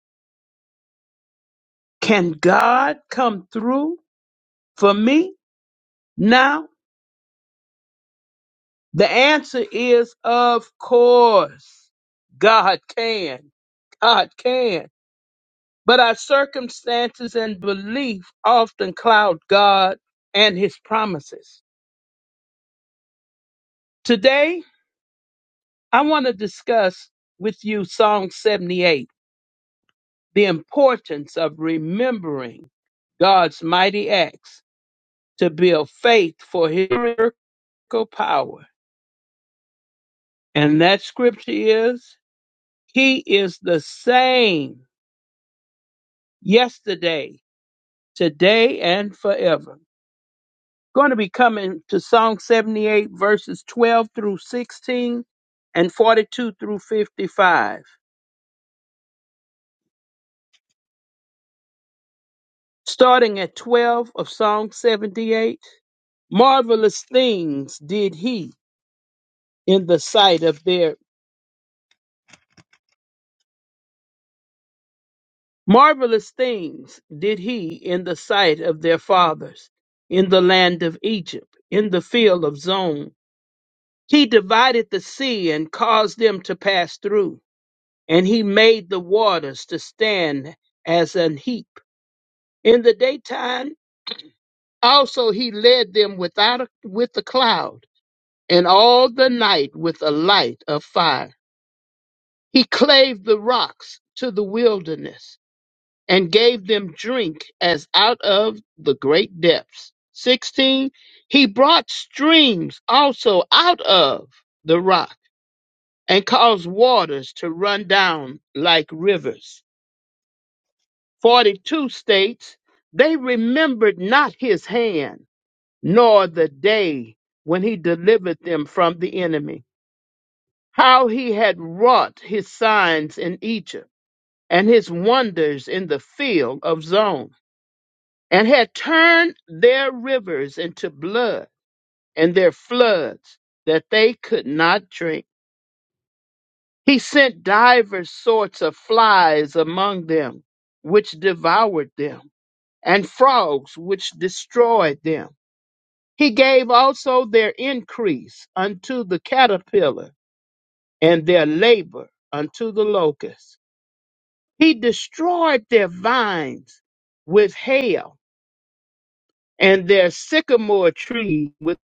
Speaker 8: can God come through for me now? The answer is of course. God can. God can. But our circumstances and belief often cloud God and his promises. Today, I want to discuss with you Psalm 78, the importance of remembering God's mighty acts to build faith for his miracle power. And that scripture is, He is the same yesterday, today and forever. Going to be coming to Psalm 78, verses 12 through 16 and 42 through 55. Starting at 12 of Psalm 78, marvelous things did he in the sight of their marvelous things did he in the sight of their fathers in the land of Egypt, in the field of Zon. He divided the sea and caused them to pass through. and he made the waters to stand as an heap. In the daytime also he led them without a, with a cloud, and all the night with a light of fire. He clave the rocks to the wilderness, and gave them drink as out of the great depths. 16. He brought streams also out of the rock, and caused waters to run down like rivers 42 states, They remembered not his hand, nor the day when he delivered them from the enemy, how he had wrought his signs in Egypt, and his wonders in the field of Zon, and had turned their rivers into blood, and their floods that they could not drink. He sent divers sorts of flies among them, which devoured them and frogs which destroyed them. He gave also their increase unto the caterpillar, and their labor unto the locust. He destroyed their vines with hail, and their sycamore tree with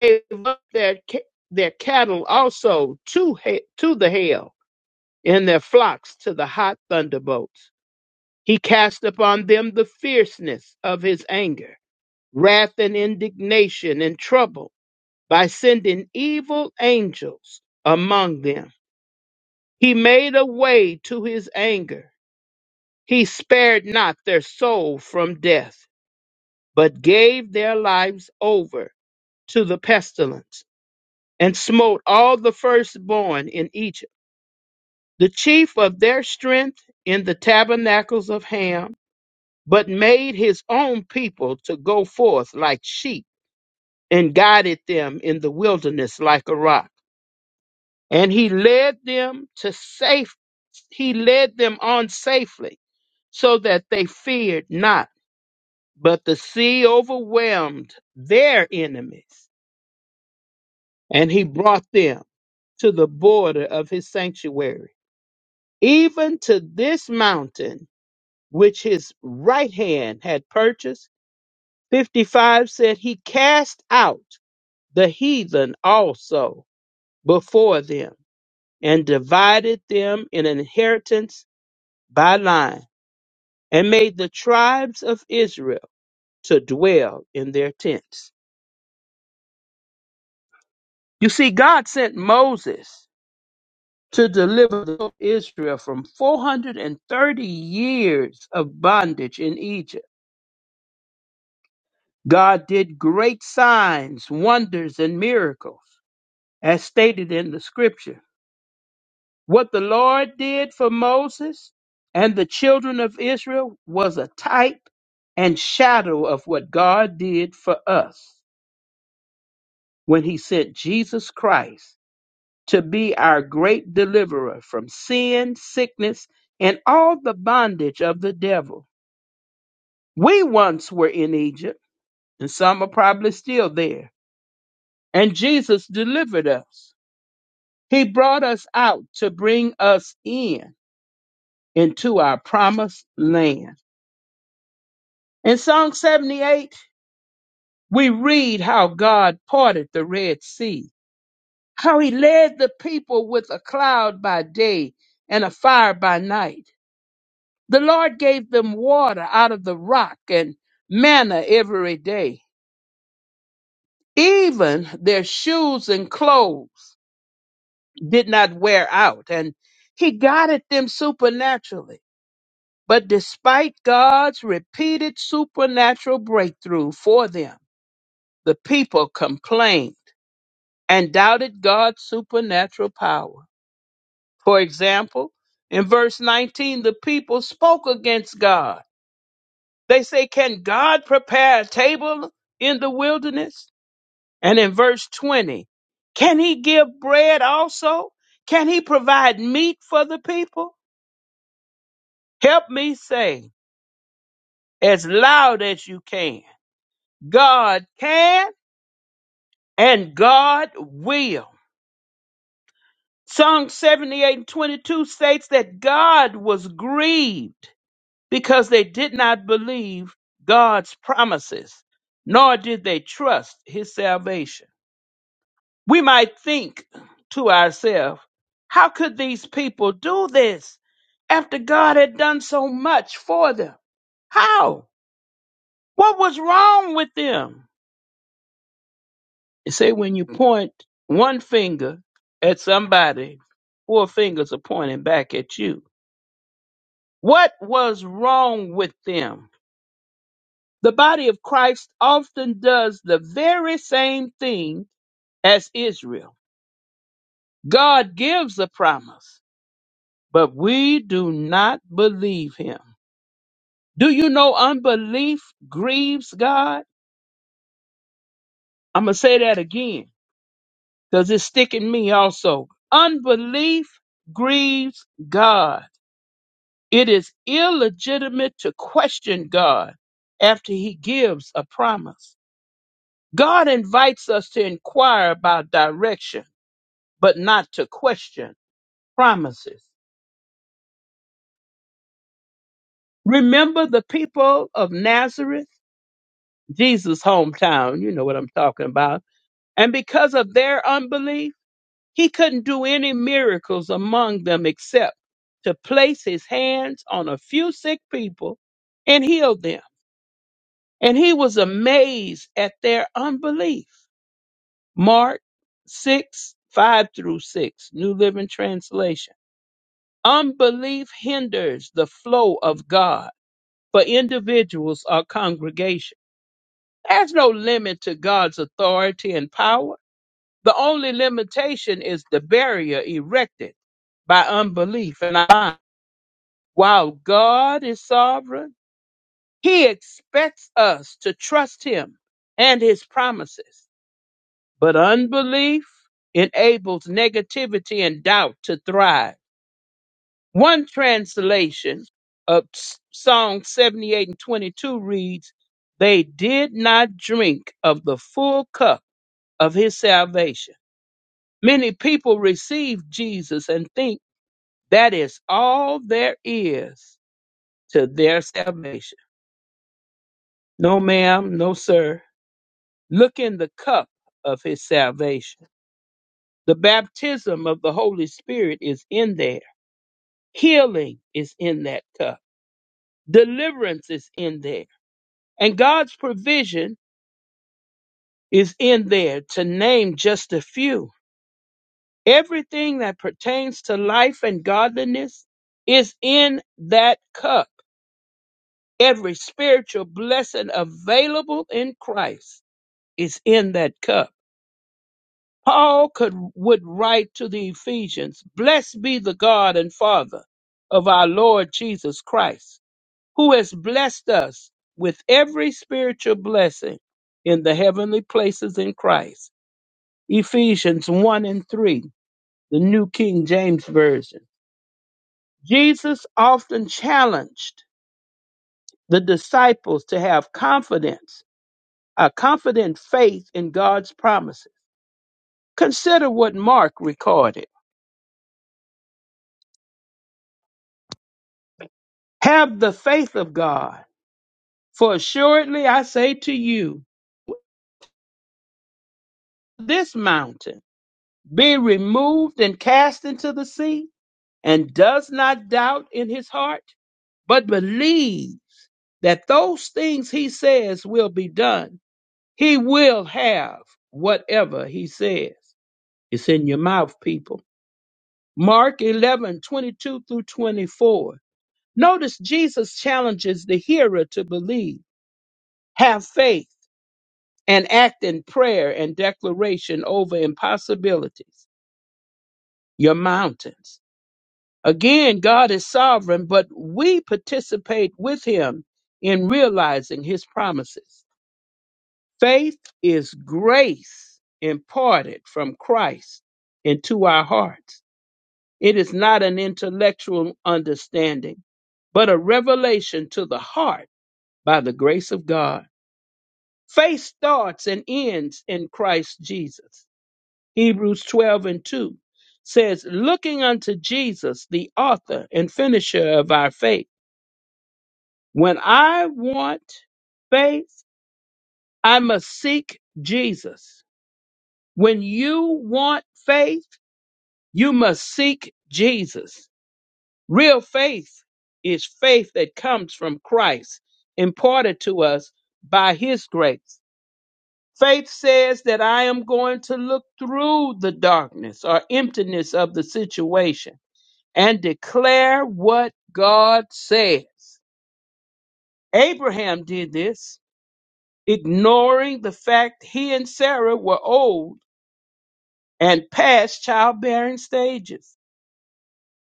Speaker 8: gave up their ca- their cattle also to ha- to the hail, and their flocks to the hot thunderbolts. He cast upon them the fierceness of his anger wrath and indignation and trouble by sending evil angels among them. He made a way to his anger. He spared not their soul from death, but gave their lives over to the pestilence and smote all the firstborn in Egypt. The chief of their strength in the tabernacles of Ham, but made his own people to go forth like sheep and guided them in the wilderness like a rock. and he led them to safe he led them on safely so that they feared not but the sea overwhelmed their enemies and he brought them to the border of his sanctuary even to this mountain which his right hand had purchased 55 said he cast out the heathen also before them and divided them in inheritance by line and made the tribes of Israel to dwell in their tents. You see, God sent Moses to deliver the people of Israel from 430 years of bondage in Egypt. God did great signs, wonders, and miracles, as stated in the scripture. What the Lord did for Moses and the children of Israel was a type and shadow of what God did for us. when he sent Jesus Christ to be our great deliverer from sin, sickness, and all the bondage of the devil. We once were in Egypt, and some are probably still there, and Jesus delivered us. He brought us out to bring us in into our promised land. In Psalm 78, we read how God parted the Red Sea, how he led the people with a cloud by day and a fire by night The Lord gave them water out of the rock and manna every day. Even their shoes and clothes did not wear out, and He guided them supernaturally. But despite God's repeated supernatural breakthrough for them, the people complained and doubted God's supernatural power. For example, in verse 19, the people spoke against God They say, Can God prepare a table in the wilderness? And in verse 20, Can he give bread also? Can he provide meat for the people? Help me say as loud as you can God can and God will. Psalm 78 and 22 states that God was grieved because they did not believe God's promises, nor did they trust his salvation. we might think to ourselves, how could these people do this after God had done so much for them? How? What was wrong with them? You say when you point one finger at somebody, four fingers are pointing back at you. What was wrong with them? The body of Christ often does the very same thing as Israel. God gives a promise but we do not believe him. Do you know unbelief grieves God? I'm going to say that again because it's sticking me also. Unbelief grieves God. It is illegitimate to question God after he gives a promise. God invites us to inquire about direction, but not to question promises. Remember the people of Nazareth, Jesus' hometown, you know what I'm talking about And because of their unbelief, he couldn't do any miracles among them except to place his hands on a few sick people and heal them. And he was amazed at their unbelief. Mark 6, 5 through 6, New Living Translation. Unbelief hinders the flow of God for individuals or congregation. There's no limit to God's authority and power The only limitation is the barrier erected by unbelief and I. While God is sovereign, He expects us to trust Him and His promises. But unbelief enables negativity and doubt to thrive. One translation of S- Psalm 78 and 22 reads, They did not drink of the full cup of His salvation. Many people receive Jesus and think That is all there is to their salvation. No, ma'am, no, sir. Look in the cup of his salvation. The baptism of the Holy Spirit is in there, healing is in that cup, deliverance is in there, and God's provision is in there, to name just a few. Everything that pertains to life and godliness is in that cup every spiritual blessing available in Christ. is in that cup. Paul could would write to the Ephesians, "Blessed be the God and Father of our Lord Jesus Christ, who has blessed us with every spiritual blessing in the heavenly places in Christ." Ephesians 1 and 3, the New King James Version. Jesus often challenged the disciples to have confidence, a confident faith in God's promises. Consider what Mark recorded Have the faith of God, for assuredly I say to you, this mountain be removed and cast into the sea, and does not doubt in his heart, but believes that those things he says will be done. He will have whatever he says. It's in your mouth, people. Mark 11 22 through 24. Notice Jesus challenges the hearer to believe, have faith and act in prayer and declaration over impossibilities, your mountains. Again, God is sovereign, but we participate with him in realizing his promises. Faith is grace imparted from Christ into our hearts. It is not an intellectual understanding, but a revelation to the heart by the grace of God. Faith starts and ends in Christ Jesus. Hebrews 12 and 2 says, Looking unto Jesus, the author and finisher of our faith. When I want faith, I must seek Jesus. When you want faith, you must seek Jesus. Real faith is faith that comes from Christ, imparted to us by his grace. Faith says that I am going to look through the darkness or emptiness of the situation and declare what God says. Abraham did this, ignoring the fact he and Sarah were old and past childbearing stages.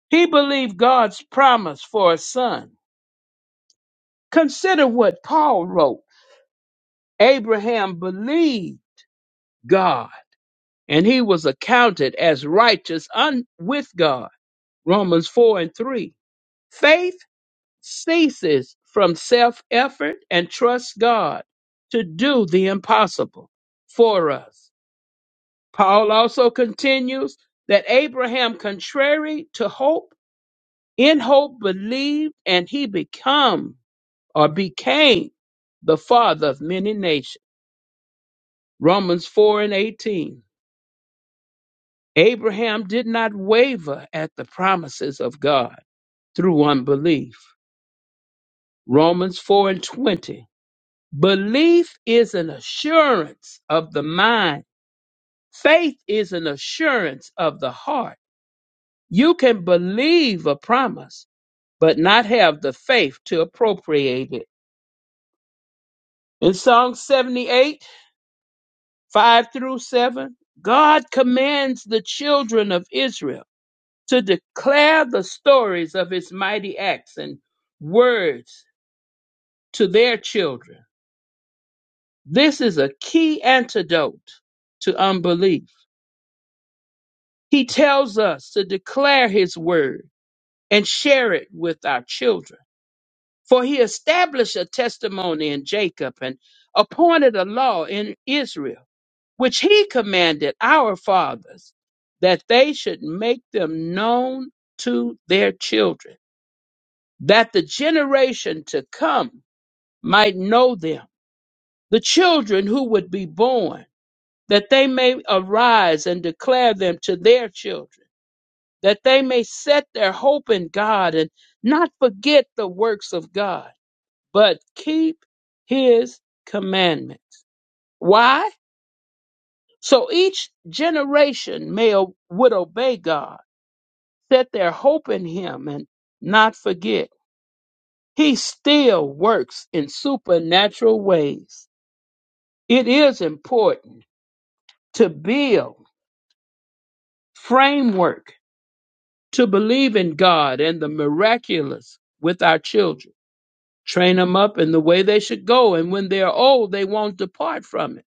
Speaker 8: He believed God's promise for a son. Consider what Paul wrote Abraham believed God, and he was accounted as righteous un- with God. Romans 4 and 3. Faith ceases from self effort and trusts God to do the impossible for us. Paul also continues that Abraham, contrary to hope, in hope believed, and he become or became the father of many nations. Romans 4 and 18. Abraham did not waver at the promises of God through unbelief. Romans 4 and 20. Belief is an assurance of the mind. Faith is an assurance of the heart. You can believe a promise, but not have the faith to appropriate it. In Psalm 78, 5 through 7, God commands the children of Israel to declare the stories of his mighty acts and words to their children. This is a key antidote to unbelief. He tells us to declare his word and share it with our children. For he established a testimony in Jacob and appointed a law in Israel, which he commanded our fathers that they should make them known to their children, that the generation to come might know them, the children who would be born, that they may arise and declare them to their children that they may set their hope in God and not forget the works of God, but keep his commandments. Why? So each generation may would obey God, set their hope in him and not forget. He still works in supernatural ways. It is important to build framework to believe in God and the miraculous with our children train them up in the way they should go and when they're old they won't depart from it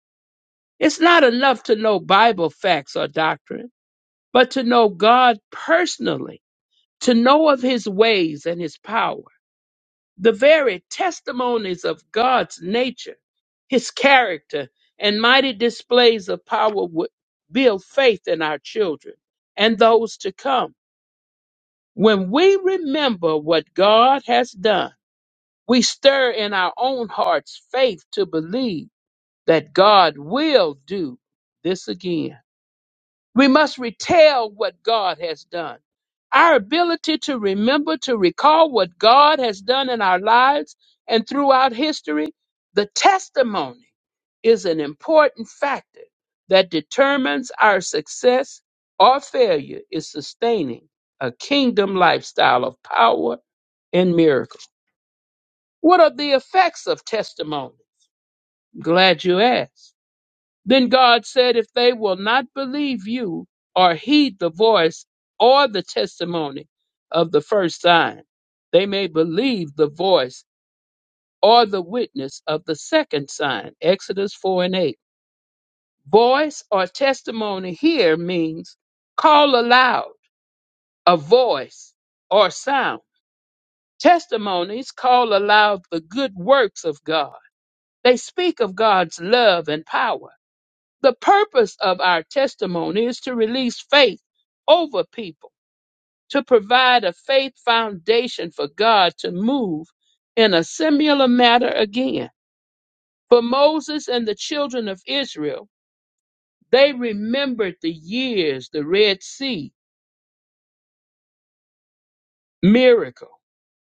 Speaker 8: it's not enough to know bible facts or doctrine but to know god personally to know of his ways and his power the very testimonies of god's nature his character and mighty displays of power would build faith in our children and those to come when we remember what god has done we stir in our own hearts faith to believe that God will do this again. We must retell what God has done. Our ability to remember, to recall what God has done in our lives and throughout history, the testimony is an important factor that determines our success or failure in sustaining a kingdom lifestyle of power and miracles. What are the effects of testimony? Glad you asked. Then God said, If they will not believe you or heed the voice or the testimony of the first sign, they may believe the voice or the witness of the second sign. Exodus 4 and 8. Voice or testimony here means call aloud, a voice or sound. Testimonies call aloud the good works of God They speak of God's love and power. The purpose of our testimony is to release faith over people, to provide a faith foundation for God to move in a similar manner again. For Moses and the children of Israel, they remembered the years, the Red Sea miracle.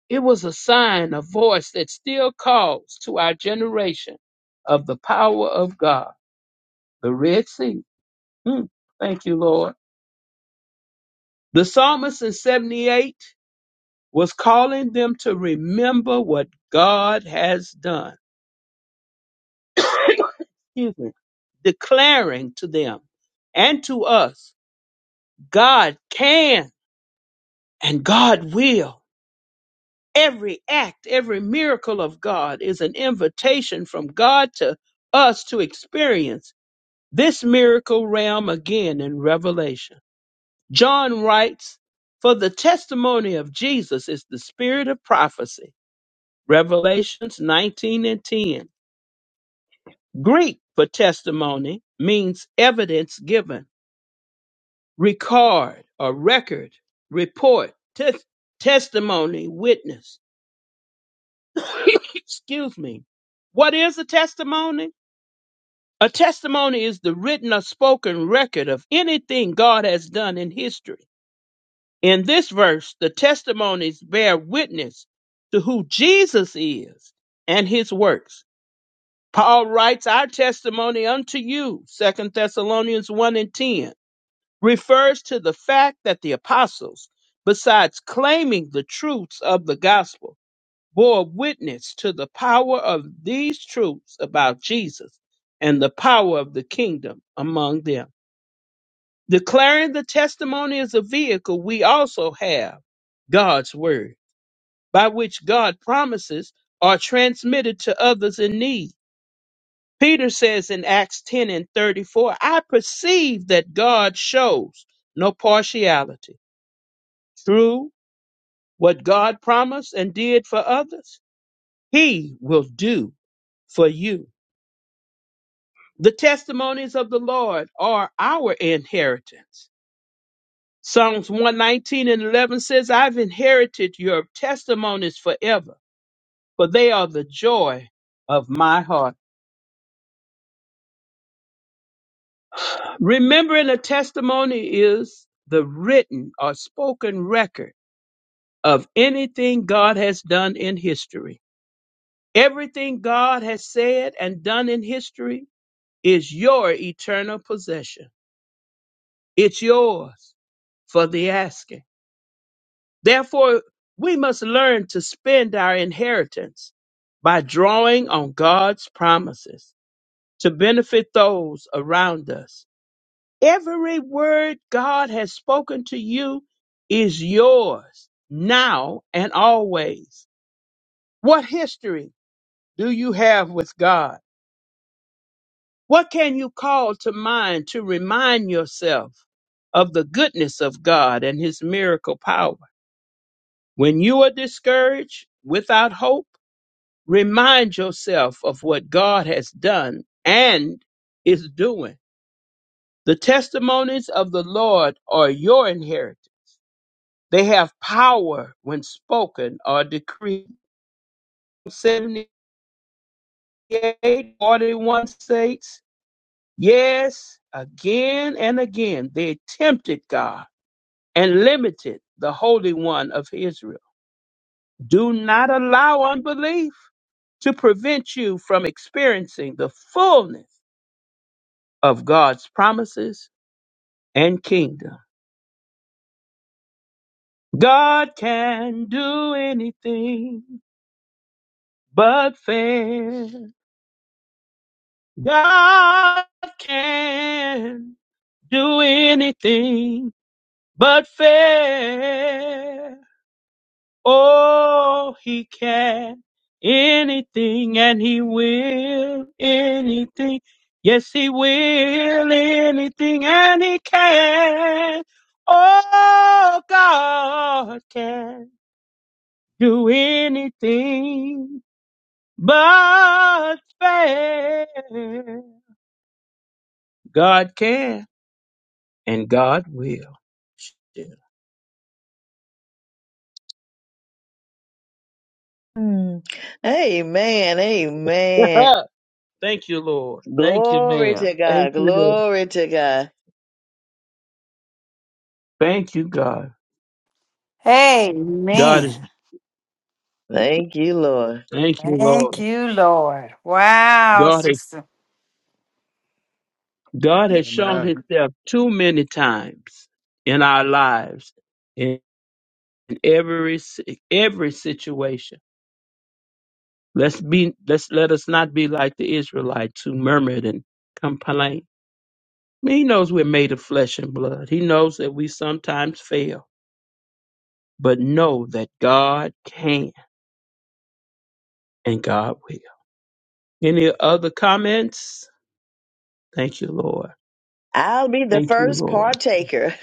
Speaker 8: It was a sign, a voice that still calls to our generation of the power of God, the Red Sea. Hmm. Thank you, Lord. The psalmist in 78 was calling them to remember what God has done, [laughs] Excuse me. declaring to them and to us God can and God will. Every act, every miracle of God is an invitation from God to us to experience this miracle realm again in Revelation. John writes, For the testimony of Jesus is the spirit of prophecy Revelations 19 and 10. Greek for testimony means evidence given, record, or record, report, tes- testimony, witness. [coughs] Excuse me. What is a testimony? A testimony is the written or spoken record of anything God has done in history. In this verse, the testimonies bear witness to who Jesus is and his works. Paul writes our testimony unto you, Second Thessalonians 1 and 10, refers to the fact that the apostles, besides claiming the truths of the gospel, bore witness to the power of these truths about Jesus and the power of the kingdom among them. Declaring the testimony as a vehicle, we also have God's word, by which God promises are transmitted to others in need Peter says in Acts 10 and 34, I perceive that God shows no partiality. True, what God promised and did for others, he will do for you. The testimonies of the Lord are our inheritance. Psalms 119 and 11 says, I've inherited your testimonies forever, for they are the joy of my heart. Remembering a testimony is the written or spoken record of anything God has done in history. Everything God has said and done in history is your eternal possession. It's yours for the asking. Therefore, we must learn to spend our inheritance by drawing on God's promises to benefit those around us. Every word God has spoken to you is yours now and always. What history do you have with God? What can you call to mind to remind yourself of the goodness of God and his miracle power? When you are discouraged, without hope, remind yourself of what God has done and is doing. The testimonies of the Lord are your inheritance. They have power when spoken or decreed. 78 41 states Yes, again and again they tempted God and limited the Holy One of Israel. Do not allow unbelief to prevent you from experiencing the fullness of God's promises and kingdom. God can do anything but fail. God can do anything but fail. Oh, he can anything and he will anything. Yes, he will anything and he can. Oh, God can do anything but fail. God can and God will. Yeah.
Speaker 1: Mm. Amen. Amen.
Speaker 8: [laughs] Thank you, Lord. Thank you,
Speaker 1: Glory
Speaker 8: ma'am.
Speaker 1: to
Speaker 8: Thank
Speaker 1: God.
Speaker 8: you, Lord.
Speaker 1: Glory to God.
Speaker 8: Thank you, God. God
Speaker 6: Amen.
Speaker 8: is,
Speaker 1: Thank you, Lord.
Speaker 8: thank you,
Speaker 6: Thank
Speaker 8: Lord.
Speaker 6: you, Lord. Wow,
Speaker 8: God,
Speaker 6: sister.
Speaker 8: God has shown
Speaker 9: Amen.
Speaker 8: himself too many times in our lives in every si- every situation. Let's be let's let us not be like the Israelites who murmured and complained. I mean, he knows we're made of flesh and blood. He knows that we sometimes fail, but know that God can and God will. Any other comments? Thank you, Lord.
Speaker 1: I'll be the
Speaker 8: Thank you,
Speaker 1: first
Speaker 8: Lord.
Speaker 1: partaker.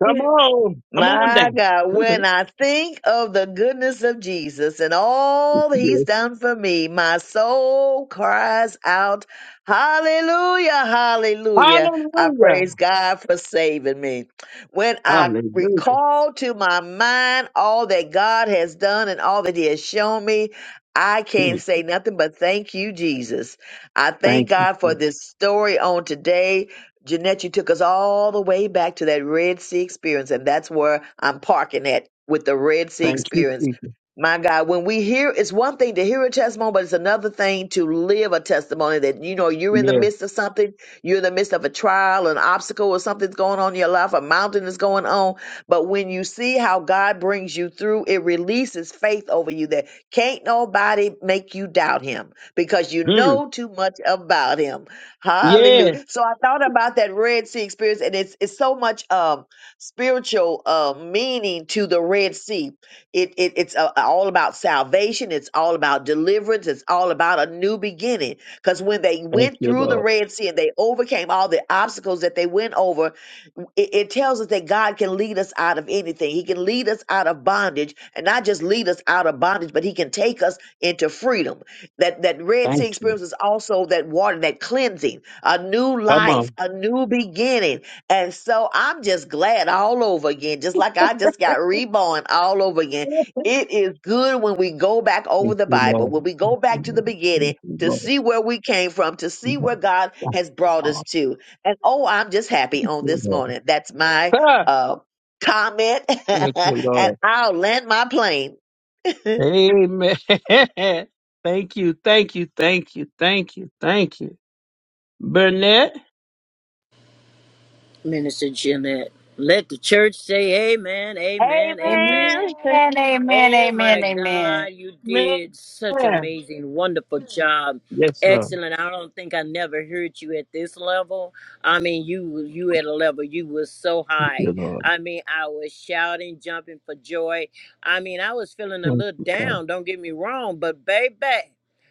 Speaker 1: [laughs]
Speaker 8: Come on. Come on
Speaker 1: My God,
Speaker 8: down.
Speaker 1: when I think of the goodness of Jesus and all that he's
Speaker 8: [laughs]
Speaker 1: done for me, my soul cries out, Hallelujah, Hallelujah. I
Speaker 8: Hallelujah.
Speaker 1: praise God for saving me. When I
Speaker 8: Hallelujah.
Speaker 1: recall to my mind all that God has done and all that he has shown me, I can't
Speaker 8: Mm.
Speaker 1: say nothing but thank you, Jesus. I thank
Speaker 8: Thank you.
Speaker 1: God for
Speaker 8: Jesus.
Speaker 1: this story on today Jeanette, you took us all the way back to that Red Sea experience, and that's where I'm parking at with the Red Sea
Speaker 8: Thank you,
Speaker 1: experience.
Speaker 8: Jesus.
Speaker 1: My God, when we hear, it's one thing to hear a testimony, but it's another thing to live a testimony that, you know, you're in the
Speaker 8: Yeah.
Speaker 1: midst of something, you're in the midst of a trial, an obstacle, or something's going on in your life, a mountain is going on. But when you see how God brings you through, it releases faith over you that can't nobody make you doubt him because you
Speaker 8: Mm.
Speaker 1: know too much about him.
Speaker 8: Yeah.
Speaker 1: Hallelujah. So I thought about that Red Sea experience, and it's it's so much um spiritual uh meaning to the Red Sea. It, it it's uh, all about salvation. It's all about deliverance. It's all about a new beginning. Because when they
Speaker 8: Thank
Speaker 1: went
Speaker 8: you,
Speaker 1: through the
Speaker 8: Lord.
Speaker 1: Red Sea and they overcame all the obstacles that they went over, it, it tells us that God can lead us out of anything. He can lead us out of bondage, and not just lead us out of bondage, but He can take us into freedom. That that Red
Speaker 8: Thank
Speaker 1: Sea
Speaker 8: you.
Speaker 1: experience is also that water, that cleansing, a new
Speaker 8: Come
Speaker 1: life,
Speaker 8: on.
Speaker 1: a new beginning. And so I'm just glad all over again, just like I just got reborn all over again. It is good when we go back
Speaker 8: Thank
Speaker 1: over the
Speaker 8: you,
Speaker 1: Bible,
Speaker 8: Lord.
Speaker 1: when we
Speaker 8: Thank
Speaker 1: go
Speaker 8: you,
Speaker 1: back to
Speaker 8: Lord.
Speaker 1: the
Speaker 8: Thank
Speaker 1: beginning.
Speaker 8: you,
Speaker 1: To
Speaker 8: Lord.
Speaker 1: see where we came from, to see
Speaker 8: Thank you, Lord.
Speaker 1: where God has brought us to. And oh, I'm just happy
Speaker 8: Thank
Speaker 1: on
Speaker 8: you,
Speaker 1: this
Speaker 8: Lord.
Speaker 1: morning. That's my
Speaker 8: Ah,
Speaker 1: uh, comment,
Speaker 8: Thank
Speaker 1: [laughs]
Speaker 8: you,
Speaker 1: and
Speaker 8: Lord.
Speaker 1: I'll land my plane. [laughs] Amen.
Speaker 8: Amen. [laughs] thank you. Thank you. Thank you. Thank you. Thank you. Burnett.
Speaker 13: Minister Jeanette. Let the church say amen, amen,
Speaker 6: Amen.
Speaker 13: amen.
Speaker 6: Amen.
Speaker 13: Oh my
Speaker 6: Amen. Amen.
Speaker 13: God, you
Speaker 8: Man.
Speaker 13: did such amazing, wonderful job.
Speaker 8: Yes, Lord.
Speaker 13: Excellent. I don't think I never heard you at this level. I mean, you you at a level you was so
Speaker 8: Thank you,
Speaker 13: high.
Speaker 8: Lord.
Speaker 13: I mean, I was shouting, jumping for joy. I mean, I was feeling a
Speaker 8: Thank
Speaker 13: little
Speaker 8: you, God.
Speaker 13: down, don't get me wrong, but baby,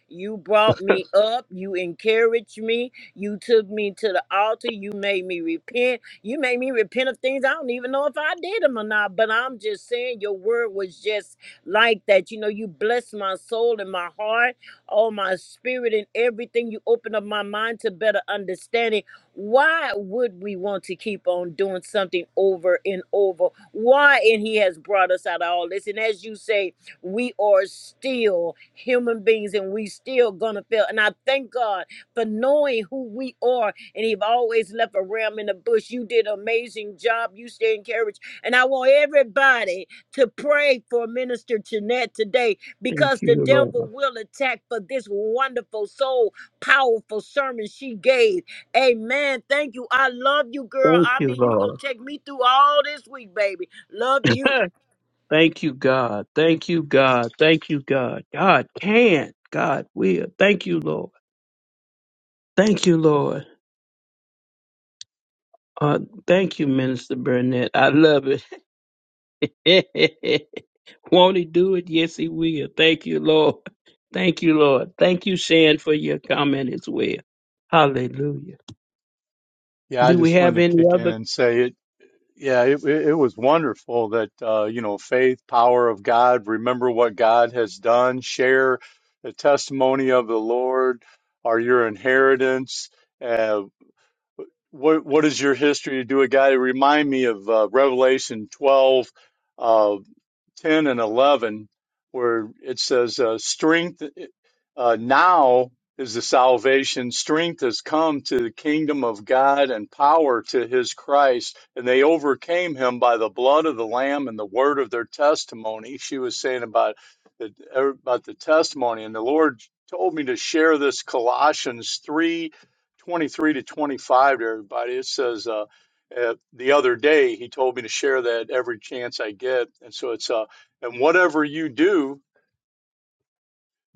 Speaker 13: you brought me up, you encouraged me, you took me to the altar, you made me repent. You made me repent of things I don't even know if I did them or not. But I'm just saying, your word was just like that. You know, you blessed my soul and my heart, all my spirit and everything. You opened up my mind to better understanding. Why would we want to keep on doing something over and over? Why? And He has brought us out of all this. And as you say, we are still human beings and we still gonna fail. And I thank God for knowing who we are and he've always left a ram in the bush. You did an amazing job. You stay encouraged. And I want everybody to pray for Minister Jeanette today
Speaker 8: Thank
Speaker 13: because the
Speaker 8: you,
Speaker 13: devil
Speaker 8: Lord.
Speaker 13: will attack for this wonderful soul, powerful sermon she gave. Amen. Thank you. I love you, girl.
Speaker 8: Thank
Speaker 13: I
Speaker 8: you,
Speaker 13: mean, you gonna
Speaker 8: Lord.
Speaker 13: take me through all this week, baby. Love you.
Speaker 8: [laughs] Thank you, God. Thank you, God. Thank you, God. God can. God will. Thank you, Lord. Thank you, Lord. Uh, thank you, Minister Burnett. I love it. [laughs] Won't he do it? Yes, he will. Thank you, Lord. Thank you, Lord. Thank you, Shan, for your comment as well. Hallelujah.
Speaker 9: Yeah, I
Speaker 8: Do we
Speaker 9: just
Speaker 8: have
Speaker 9: wanted to
Speaker 8: any
Speaker 9: kick in
Speaker 8: other?
Speaker 9: and say it Yeah, it, it it was wonderful that uh, you know faith, power of God. Remember what God has done. Share the testimony of the Lord. Are your inheritance? Uh, what what is your history to do it, God? It remind me of uh, Revelation twelve. uh, 10 and 11 where it says uh, strength uh, now is the salvation strength has come to the kingdom of god and power to his christ and they overcame him by the blood of the lamb and the word of their testimony she was saying about the, er, about the testimony and the lord told me to share this colossians 3, 23 to 25 to everybody it says uh, uh, the other day he told me to share that every chance i get and so it's uh, and whatever you do,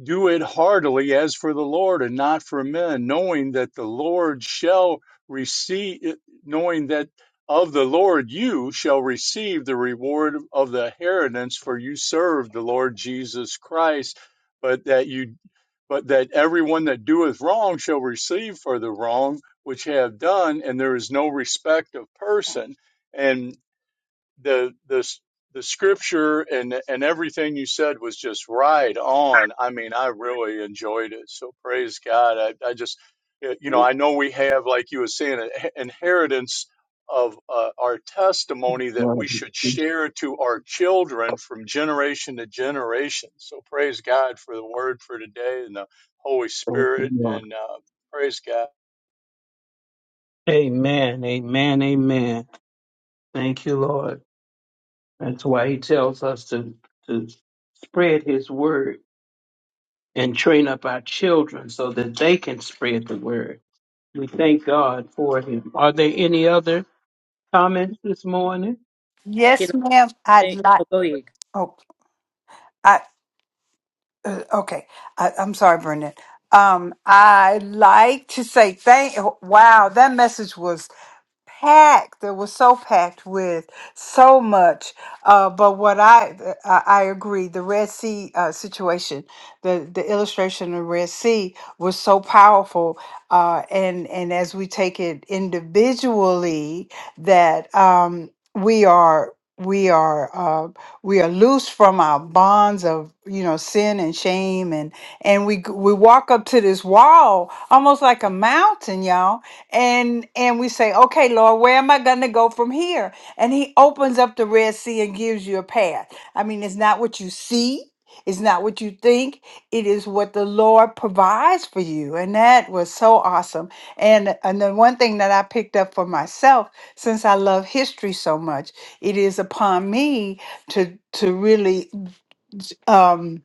Speaker 9: do it heartily as for the Lord and not for men, knowing that the Lord shall receive, eh, knowing that of the Lord you shall receive the reward of the inheritance, for you serve the Lord Jesus Christ. But that you, but that everyone that doeth wrong shall receive for the wrong which have done, and there is no respect of person. And the the the scripture and and everything you said was just right on. I mean, I really enjoyed it. So praise God. I, I just eh, you know I know we have like you were saying an inheritance of uh, our testimony that
Speaker 8: Lord,
Speaker 9: we
Speaker 8: we
Speaker 9: should
Speaker 8: thank
Speaker 9: share to our children from generation to generation. So praise God for the word for today and the Holy
Speaker 8: you,
Speaker 9: Spirit
Speaker 8: Lord.
Speaker 9: and uh, praise God.
Speaker 8: Amen. Amen. Amen. Thank you, Lord. That's why he tells us to, to spread his word and train up our children so that they can spread the word. We thank God for him. Are there any other comments this morning?
Speaker 13: Can
Speaker 6: Yes,
Speaker 13: I
Speaker 6: ma'am. I'd
Speaker 13: thank
Speaker 6: like.
Speaker 13: oh, go ahead.
Speaker 6: Oh. Uh, okay I, i'm sorry brendan um i like to say thank wow that message was packed. It was so packed with so much. Uh, but what I, I I agree, the Red Sea uh, situation, the the illustration of Red Sea was so powerful. Uh, and and as we take it individually, that um, we are we are uh, we are loose from our bonds of you know sin and shame and and we g- we walk up to this wall almost like a mountain y'all and and we say okay lord where am i going to go from here and he opens up the red sea and gives you a path i mean it's not what you see it's not what you think it is what the lord provides for you and that was so awesome and and the one thing that i picked up for myself since i love history so much it is upon me to to really um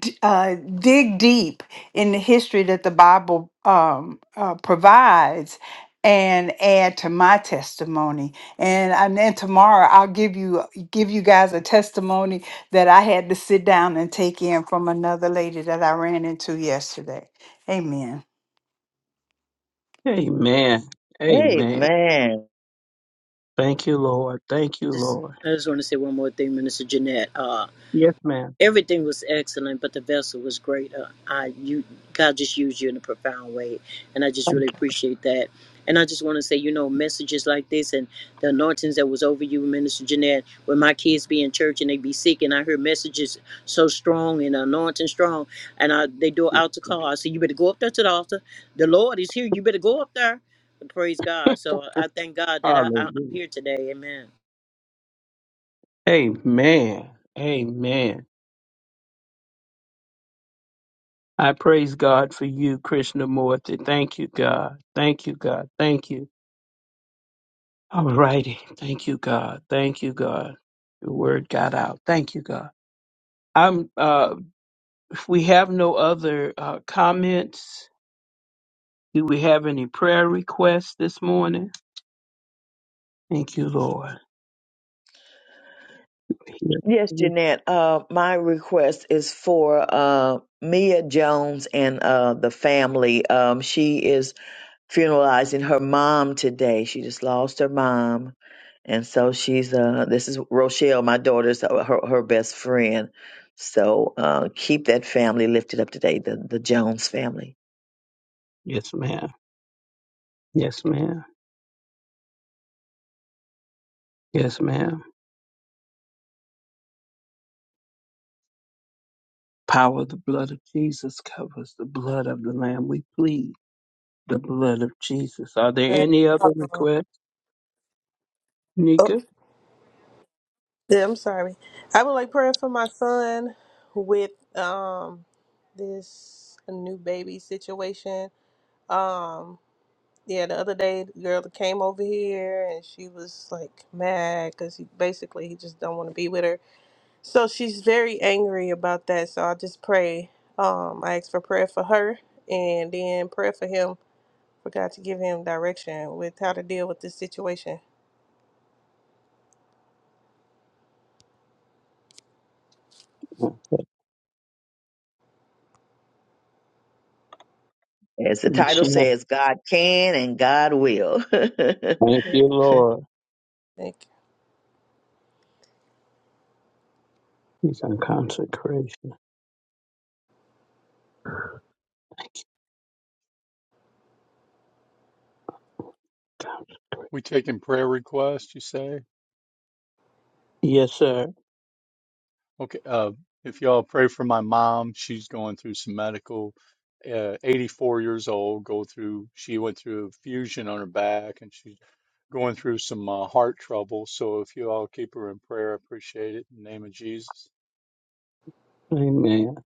Speaker 6: d- uh, dig deep in the history that the Bible um, uh, provides and add to my testimony. And and then tomorrow I'll give you give you guys a testimony that I had to sit down and take in from another lady that I ran into yesterday. Amen.
Speaker 8: Amen. Amen.
Speaker 1: Amen.
Speaker 8: Thank you, Lord. Thank you,
Speaker 13: Just
Speaker 8: Lord.
Speaker 13: I just want to say one more thing, Minister Jeanette.
Speaker 8: Yes, ma'am.
Speaker 13: everything was excellent, but the vessel was great. Uh, I you God just used you in a profound way, and I just really
Speaker 8: Thank
Speaker 13: appreciate that. And I just want to say, you know, messages like this and the anointings that was over you, Minister Jeanette, when my kids be in church and they be sick, and I hear messages so strong and anointing strong, and I, they do it
Speaker 8: you.
Speaker 13: out to call. I say, you better go up there to the altar. The Lord is here. You better go up there. And Praise God. So I thank God that I- I'm
Speaker 8: Hallelujah.
Speaker 13: here today. Amen.
Speaker 8: Amen. Amen. I praise God for you, Krishnamurti. Thank you, God. Thank you, God. Thank you. All righty. Thank you, God. Thank you, God. The word got out. Thank you, God. I'm uh If we have no other uh, comments, do we have any prayer requests this morning? Thank you, Lord.
Speaker 1: Yes, Jeanette. Uh, my request is for uh, Mia Jones and uh, the family. Um, she is funeralizing her mom today. She just lost her mom. and so she's uh this is Rochelle, my daughter's uh, her her best friend. So uh, keep that family lifted up today, the the Jones family.
Speaker 8: Yes, ma'am. Yes, ma'am. Yes, ma'am. Power of the blood of Jesus covers the blood of the Lamb. We plead the blood of Jesus. Are there
Speaker 14: Uh,
Speaker 8: any other requests,
Speaker 14: oh,
Speaker 8: Nika?
Speaker 14: yeah, I'm sorry. I would like prayer for my son with um this new baby situation. Um, yeah, the other day, the girl that came over here and she was like mad because he basically he just don't want to be with her. So she's very angry about that. So I just pray. Um, I ask for prayer for her and then prayer for him for God to give him direction with how to deal with this situation.
Speaker 8: Okay.
Speaker 1: As the
Speaker 8: And
Speaker 1: title
Speaker 8: Shan-
Speaker 1: says, God can and God will. [laughs]
Speaker 8: Thank
Speaker 14: Yeah,
Speaker 8: you, Lord.
Speaker 14: thank you.
Speaker 8: He's on consecration. Thank you, God.
Speaker 9: We taking prayer requests. You say?
Speaker 8: Yes, sir.
Speaker 9: Okay, uh, if y'all pray for my mom, she's going through some medical, uh, 84 years old, go through, she went through a fusion on her back and she's going through some uh, heart trouble. So if you all keep her in prayer, I appreciate it in the name of Jesus.
Speaker 8: Amen.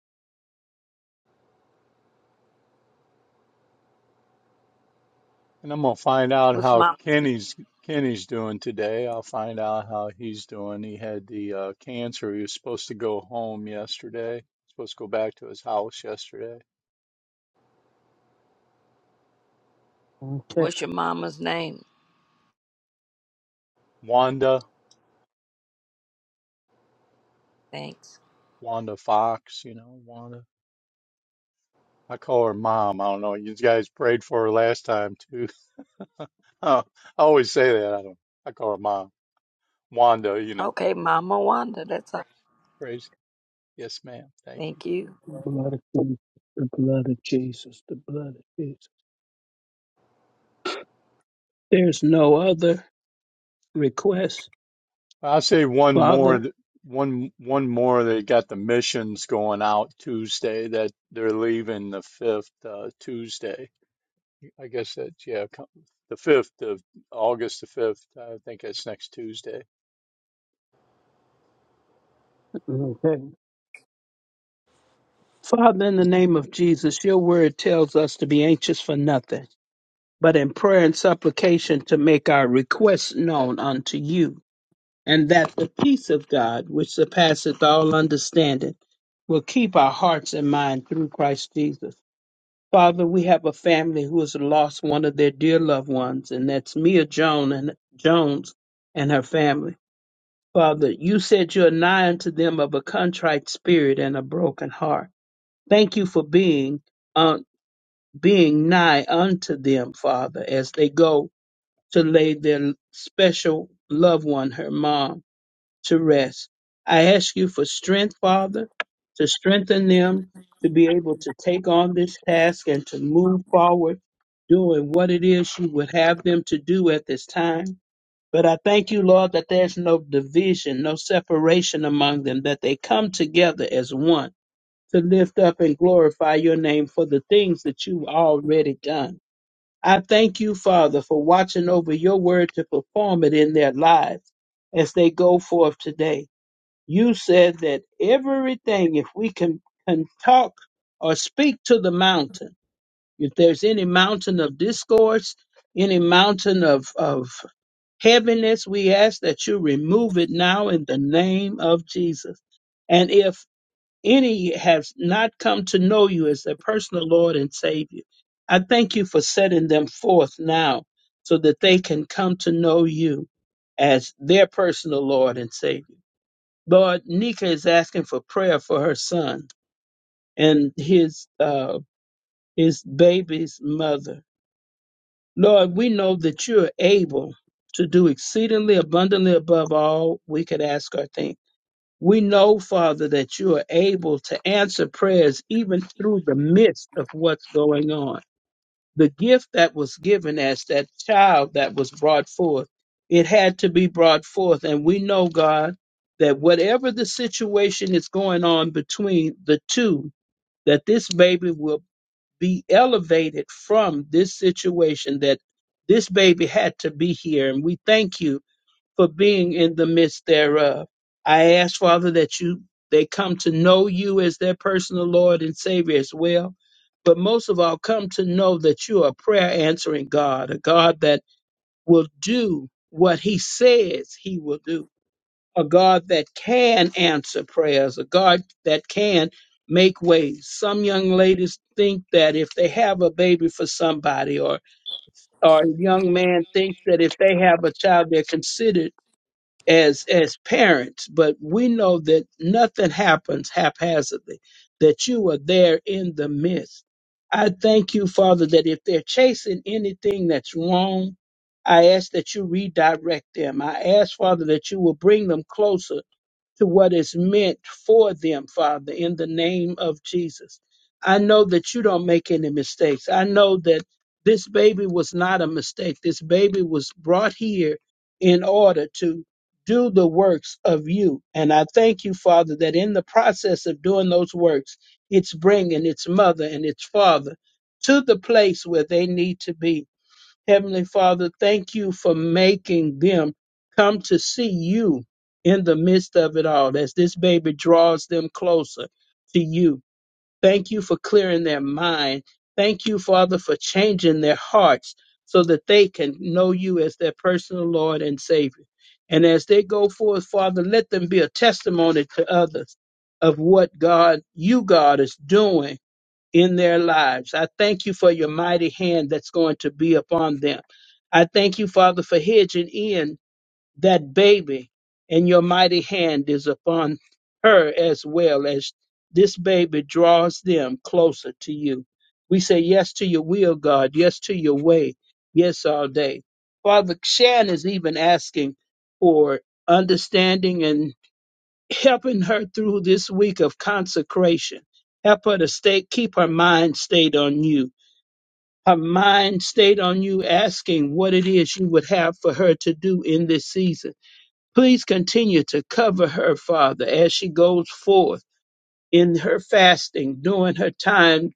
Speaker 9: And I'm gonna find out
Speaker 7: What's
Speaker 9: how
Speaker 7: mom?
Speaker 9: Kenny's Kenny's doing today. I'll find out how he's doing. He had the uh, cancer. He was supposed to go home yesterday. Supposed to go back to his house yesterday.
Speaker 8: Okay.
Speaker 7: What's your mama's name?
Speaker 9: Wanda,
Speaker 7: Thanks.
Speaker 9: Wanda Fox, you know, Wanda. I call her mom. I don't know. You guys prayed for her last time too. [laughs] I always say that. I don't. I call her mom, Wanda. You know,
Speaker 7: Okay, Mama Wanda. That's all.
Speaker 9: praise. Yes, ma'am. Thank you.
Speaker 7: Thank you.
Speaker 8: The blood of Jesus, the blood of Jesus, the blood of Jesus. There's no other request,
Speaker 9: I'll say one more.
Speaker 8: Father.
Speaker 9: th- One one more. They got the missions going out Tuesday. That they're leaving the fifth uh, Tuesday. I guess that's yeah, co- the fifth of August. The fifth. I think that's next Tuesday.
Speaker 8: Okay. Father, in the name of Jesus, your word tells us to be anxious for nothing, but in prayer and supplication to make our requests known unto you, and that the peace of God, which surpasseth all understanding, will keep our hearts and mind through Christ Jesus. Father, we have a family who has lost one of their dear loved ones, and that's Mia Joan and Jones and her family. Father, you said you're nigh unto them of a contrite spirit and a broken heart. Thank you for being uh, being nigh unto them, Father, as they go to lay their special loved one, her mom to rest. I ask you for strength, Father, to strengthen them to be able to take on this task and to move forward doing what it is you would have them to do at this time. But I thank you, Lord, that there's no division, no separation among them, that they come together as one to lift up and glorify your name for the things that you've already done. I thank you, Father, for watching over your word to perform it in their lives as they go forth today you said that everything, if we can, can talk or speak to the mountain, if there's any mountain of discourse, any mountain of, of heaviness, we ask that you remove it now in the name of Jesus. And if any has not come to know you as their personal Lord and Savior, I thank you for setting them forth now so that they can come to know you as their personal Lord and Savior. Lord, Nika is asking for prayer for her son and his uh, his baby's mother. Lord, we know that you're able to do exceedingly abundantly above all we could ask or think. We know, Father, that you are able to answer prayers even through the midst of what's going on the gift that was given as that child that was brought forth, it had to be brought forth. And we know, God, that whatever the situation is going on between the two, that this baby will be elevated from this situation, that this baby had to be here. And we thank you for being in the midst thereof. I ask, Father, that you they come to know you as their personal Lord and Savior as well. But most of all, come to know that you are a prayer answering God, a God that will do what He says He will do, a God that can answer prayers, a God that can make ways. Some young ladies think that if they have a baby for somebody, or or a young man thinks that if they have a child, they're considered as as parents, but we know that nothing happens haphazardly, that you are there in the midst. I thank you, Father, that if they're chasing anything that's wrong, I ask that you redirect them. I ask, Father, that you will bring them closer to what is meant for them, Father, in the name of Jesus. I know that you don't make any mistakes. I know that this baby was not a mistake. This baby was brought here in order to do the works of you. And I thank you, Father, that in the process of doing those works, it's bringing its mother and its father to the place where they need to be. Heavenly Father, thank you for making them come to see you in the midst of it all as this baby draws them closer to you. Thank you for clearing their mind. Thank you, Father, for changing their hearts so that they can know you as their personal Lord and Savior. And as they go forth, Father, let them be a testimony to others of what God, you, God, is doing in their lives. I thank you for your mighty hand that's going to be upon them. I thank you, Father, for hedging in that baby, and your mighty hand is upon her as well as this baby draws them closer to you. We say yes to your will, God, yes to your way, yes all day. Father, Shan is even asking for understanding and helping her through this week of consecration. Help her to stay, keep her mind stayed on you. Her mind stayed on you, asking what it is you would have for her to do in this season. Please continue to cover her, Father, as she goes forth in her fasting during her time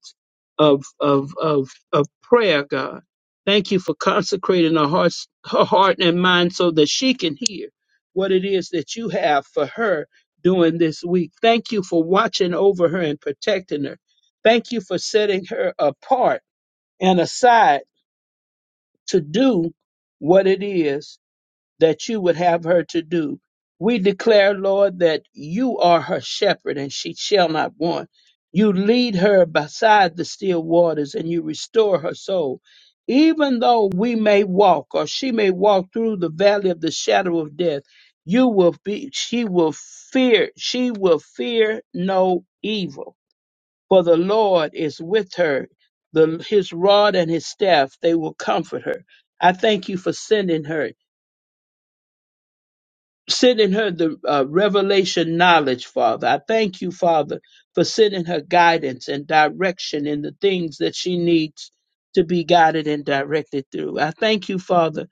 Speaker 8: of of of of prayer, God. Thank you for consecrating her heart, her heart and mind so that she can hear what it is that you have for her during this week. Thank you for watching over her and protecting her. Thank you for setting her apart and aside to do what it is that you would have her to do. We declare, Lord, that you are her shepherd and she shall not want. You lead her beside the still waters and you restore her soul. Even though we may walk or she may walk through the valley of the shadow of death, you will be, she will fear, she will fear no evil. For the Lord is with her. The, his rod and his staff, they will comfort her. I thank you for sending her Send in her the uh, revelation knowledge, Father. I thank you, Father, for sending her guidance and direction in the things that she needs to be guided and directed through. I thank you, Father,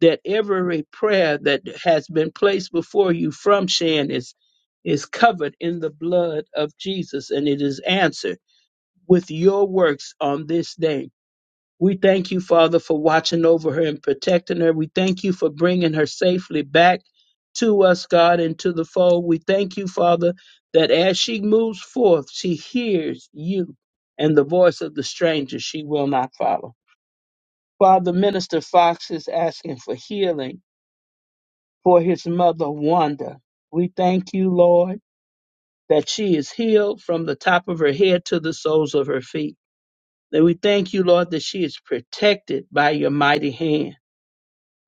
Speaker 8: that every prayer that has been placed before you from Shan is is covered in the blood of Jesus and it is answered with your works on this day. We thank you, Father, for watching over her and protecting her. We thank you for bringing her safely back to us, God, and to the fold. We thank you, Father, that as she moves forth, she hears you and the voice of the stranger she will not follow. Father, Minister Fox is asking for healing for his mother, Wanda. We thank you, Lord, that she is healed from the top of her head to the soles of her feet. And we thank you, Lord, that she is protected by your mighty hand.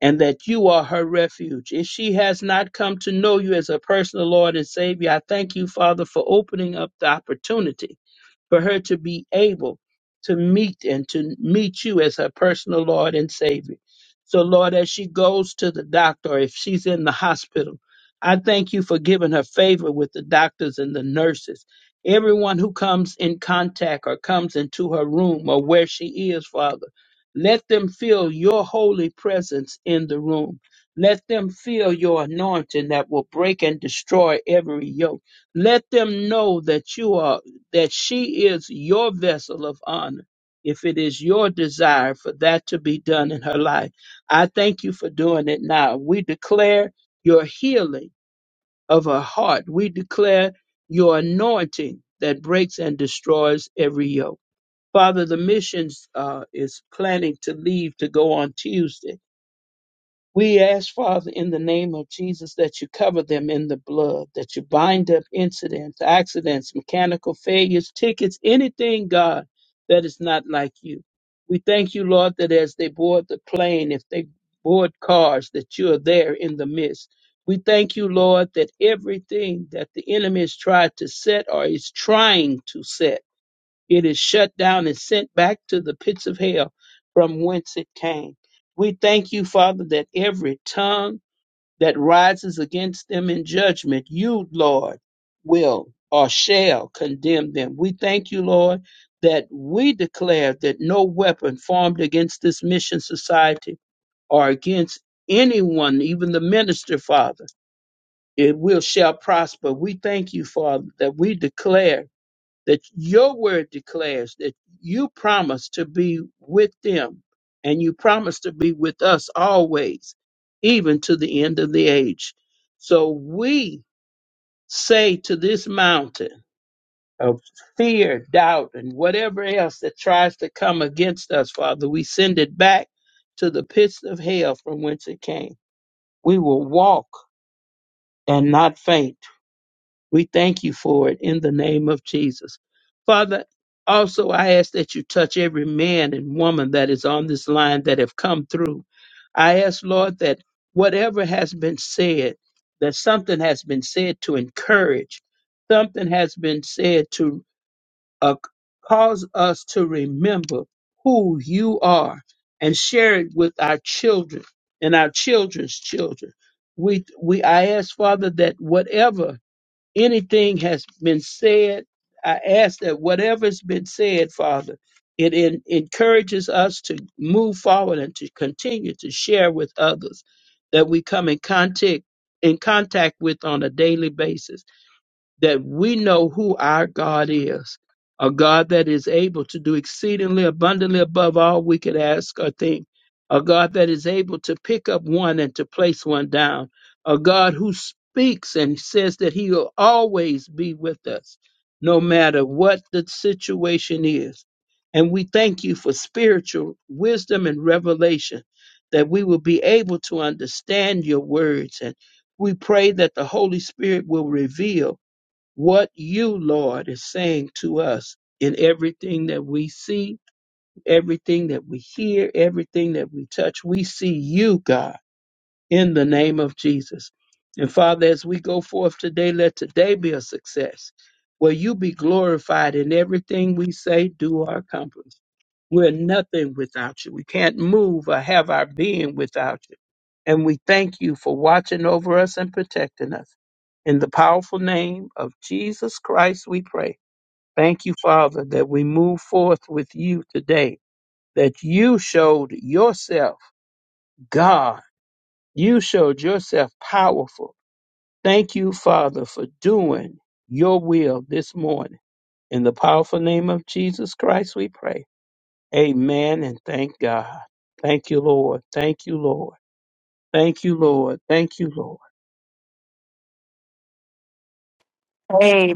Speaker 8: and that you are her refuge. If she has not come to know you as her personal Lord and Savior, I thank you, Father, for opening up the opportunity for her to be able to meet and to meet you as her personal Lord and Savior. So, Lord, as she goes to the doctor, or if she's in the hospital, I thank you for giving her favor with the doctors and the nurses. Everyone who comes in contact or comes into her room or where she is, Father, let them feel your holy presence in the room. Let them feel your anointing that will break and destroy every yoke. Let them know that you are that she is your vessel of honor if it is your desire for that to be done in her life. I thank you for doing it now. We declare your healing of her heart. We declare your anointing that breaks and destroys every yoke. Father, the missions uh, is planning to leave to go on Tuesday. We ask, Father, in the name of Jesus, that you cover them in the blood, that you bind up incidents, accidents, mechanical failures, tickets, anything, God, that is not like you. We thank you, Lord, that as they board the plane, if they board cars, that you are there in the midst. We thank you, Lord, that everything that the enemy has tried to set or is trying to set it is shut down and sent back to the pits of hell from whence it came. We thank you, Father, that every tongue that rises against them in judgment, you, Lord, will or shall condemn them. We thank you, Lord, that we declare that no weapon formed against this mission society or against anyone, even the minister, Father, it will shall prosper. We thank you, Father, that we declare that your word declares that you promise to be with them and you promise to be with us always, even to the end of the age. So we say to this mountain of fear, doubt, and whatever else that tries to come against us, Father, we send it back to the pits of hell from whence it came. We will walk and not faint We thank you for it in the name of Jesus. Father, also I ask that you touch every man and woman that is on this line that have come through. I ask, Lord, that whatever has been said, that something has been said to encourage, something has been said to uh, cause us to remember who you are and share it with our children and our children's children. We, we, I ask, Father, that whatever anything has been said, I ask that whatever's been said, Father, it en- encourages us to move forward and to continue to share with others that we come in contact in contact with on a daily basis that we know who our God is, a God that is able to do exceedingly abundantly above all we could ask or think, a God that is able to pick up one and to place one down, a God who speaks and says that he will always be with us, no matter what the situation is. And we thank you for spiritual wisdom and revelation that we will be able to understand your words. And we pray that the Holy Spirit will reveal what you, Lord, is saying to us in everything that we see, everything that we hear, everything that we touch. We see you, God in the name of Jesus. And Father, as we go forth today, let today be a success where you be glorified in everything we say, do, or accomplish. We're nothing without you. We can't move or have our being without you. And we thank you for watching over us and protecting us. In the powerful name of Jesus Christ, we pray. Thank you, Father, that we move forth with you today, that you showed yourself God you showed yourself powerful. Thank you, Father, for doing your will this morning. In the powerful name of Jesus Christ, we pray. Amen and thank God. Thank you, Lord. Thank you, Lord. Thank you, Lord. Thank you, Lord.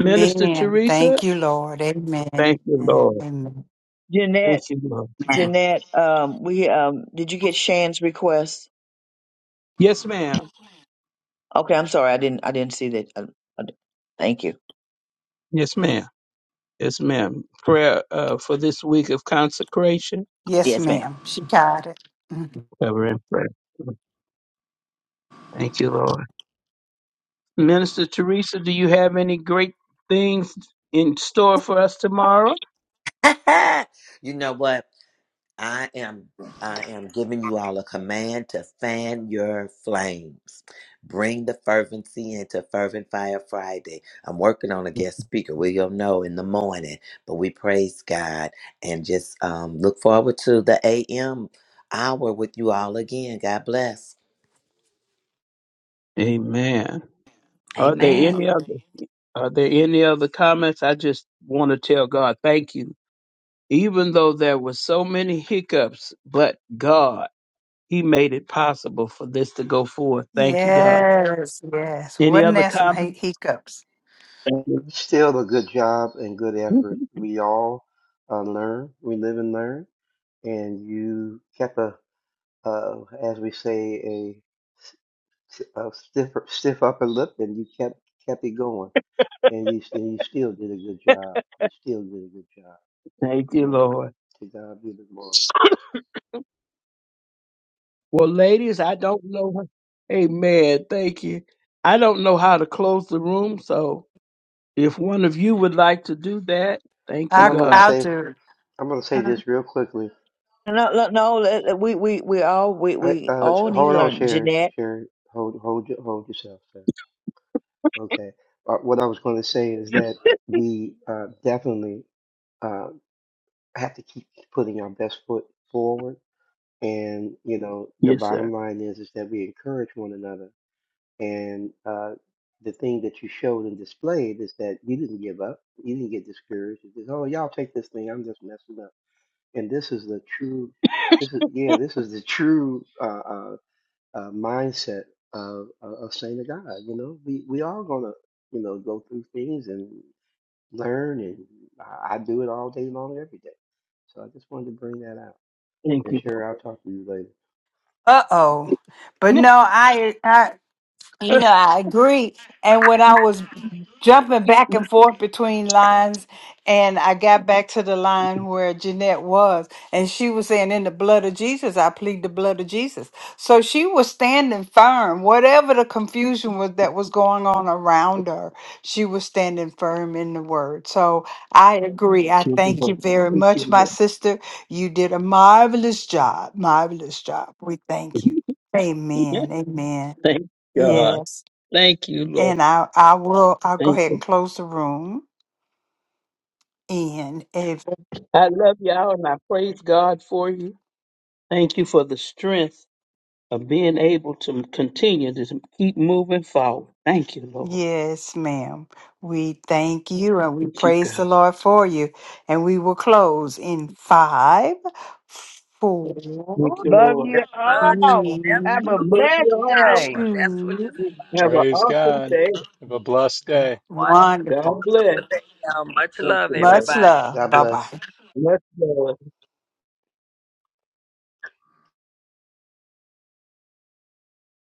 Speaker 8: Minister Teresa,
Speaker 6: Thank you, Lord. Amen.
Speaker 8: thank you, Lord.
Speaker 6: Amen.
Speaker 8: Thank
Speaker 1: Jeanette,
Speaker 8: you, Lord.
Speaker 7: Amen.
Speaker 1: Jeanette, um, we um, did you get Shan's request?
Speaker 8: Yes, ma'am.
Speaker 1: Okay, I'm sorry, I didn't I didn't see that. Uh, uh, thank you.
Speaker 8: Yes, ma'am. Yes, ma'am. Prayer uh, for this week of consecration.
Speaker 6: Yes,
Speaker 1: Yes, ma'am.
Speaker 6: ma'am. She got it. Mhm.
Speaker 8: Cover and prayer. Thank you, Lord. Minister Teresa, do you have any great things in store for us tomorrow?
Speaker 4: [laughs] you know what? I am I am giving you all a command to fan your flames. Bring the fervency into Fervent Fire Friday. I'm working on a guest speaker. We'll know in the morning, but we praise God and just um, look forward to the AM hour with you all again. God bless.
Speaker 8: Amen. Are there
Speaker 7: Amen.
Speaker 8: any other are there any other comments? I just want to tell God thank you. Even though there were so many hiccups, but God, He made it possible for this to go forth. Thank you, God.
Speaker 6: Yes, yes.
Speaker 8: Any
Speaker 6: Wasn't
Speaker 8: other
Speaker 6: there some
Speaker 8: comments?
Speaker 6: hic- hiccups?
Speaker 8: Thank
Speaker 10: Still a good job and good
Speaker 8: you,
Speaker 10: effort.
Speaker 8: [laughs]
Speaker 10: We all uh, learn, we live and learn, and you kept a uh, as we say, a, s- a stiff stiff upper lip, and you kept kept it going, and you and you still did a good job. You still did a good job.
Speaker 8: Thank you,
Speaker 10: Amen.
Speaker 8: Lord.
Speaker 10: To God be the glory.
Speaker 8: Well, ladies, I don't know. Amen. Thank you. I don't know how to close the room, so If one of you would like to do that, thank you,
Speaker 10: And
Speaker 6: I,
Speaker 10: I'm gonna
Speaker 8: God.
Speaker 6: I'll
Speaker 10: say
Speaker 6: do.
Speaker 10: I'm gonna say this real quickly.
Speaker 1: No, no, no, let- let- we we we all we
Speaker 10: I,
Speaker 1: we
Speaker 10: uh, sh-
Speaker 1: all need
Speaker 10: hold
Speaker 1: to
Speaker 10: on,
Speaker 1: learn,
Speaker 10: Sharon.
Speaker 1: Jeanette.
Speaker 10: Sharon, hold hold your- hold yourself, sir. Okay. Uh, what I was going to say is that we uh, definitely uh, have to keep putting our best foot forward And you know, the
Speaker 8: Yes, sir.
Speaker 10: bottom line is is that we encourage one another. And uh, the thing that you showed and displayed is that you didn't give up. You didn't get discouraged. You just, oh, y'all take this thing. I'm just messing up. And this is the true. This is yeah. This is the true uh, uh, uh, mindset of of of saint of God. You know, we we all gonna you know go through things and learn. And I, I do it all day long, every day. So I just wanted to bring that out.
Speaker 8: Thank
Speaker 10: And
Speaker 8: you,
Speaker 10: sure, I'll
Speaker 8: Lord.
Speaker 10: talk to you later.
Speaker 6: Uh oh. But no, I, I,
Speaker 8: [laughs]
Speaker 6: You know,
Speaker 8: Thank
Speaker 6: I agree. And when I was jumping back and forth between lines, and I got back to the line where Jeanette was, and she was saying, In the blood of Jesus, I plead the blood of Jesus. So she was standing firm. Whatever the confusion was that was going on around her, she was standing firm in the word. So I agree. I
Speaker 8: you,
Speaker 6: thank you
Speaker 8: Lord.
Speaker 6: very
Speaker 8: Thank
Speaker 6: much,
Speaker 8: you,
Speaker 6: my sister. You did a marvelous job. Marvelous job. We thank you.
Speaker 8: Lord.
Speaker 6: Amen. Amen.
Speaker 8: [laughs] Thank God.
Speaker 6: Yes.
Speaker 8: Thank you, Lord.
Speaker 6: And I, I will, I'll go
Speaker 8: Thank
Speaker 6: ahead and
Speaker 8: you.
Speaker 6: close the room. And if,
Speaker 8: I love y'all and I praise God for you. Thank you for the strength of being able to continue to keep moving forward. Thank you, Lord.
Speaker 6: yes, ma'am, we thank you and we
Speaker 8: Thank you,
Speaker 6: praise the
Speaker 8: God.
Speaker 6: Lord for you. And we will close in five,
Speaker 8: Thank
Speaker 6: four,
Speaker 8: you,
Speaker 3: Love
Speaker 8: Lord.
Speaker 7: The
Speaker 3: you
Speaker 7: blood should
Speaker 3: all.
Speaker 7: never
Speaker 3: Have
Speaker 6: three,
Speaker 3: a
Speaker 7: lose
Speaker 8: Love
Speaker 7: its
Speaker 3: blessed
Speaker 8: you all.
Speaker 3: day.
Speaker 7: power. That's what you
Speaker 6: two,
Speaker 8: Have an
Speaker 9: Praise
Speaker 8: awesome
Speaker 9: God.
Speaker 8: day.
Speaker 9: Have a blessed day.
Speaker 7: one.
Speaker 8: God
Speaker 6: wonderful.
Speaker 8: bless.
Speaker 7: for letting me Much
Speaker 8: Thank
Speaker 7: love,
Speaker 8: you, Lord.
Speaker 6: Much
Speaker 7: everybody.
Speaker 6: love.
Speaker 10: God
Speaker 6: Bye bye.
Speaker 10: bless.
Speaker 8: Bless you. Lord.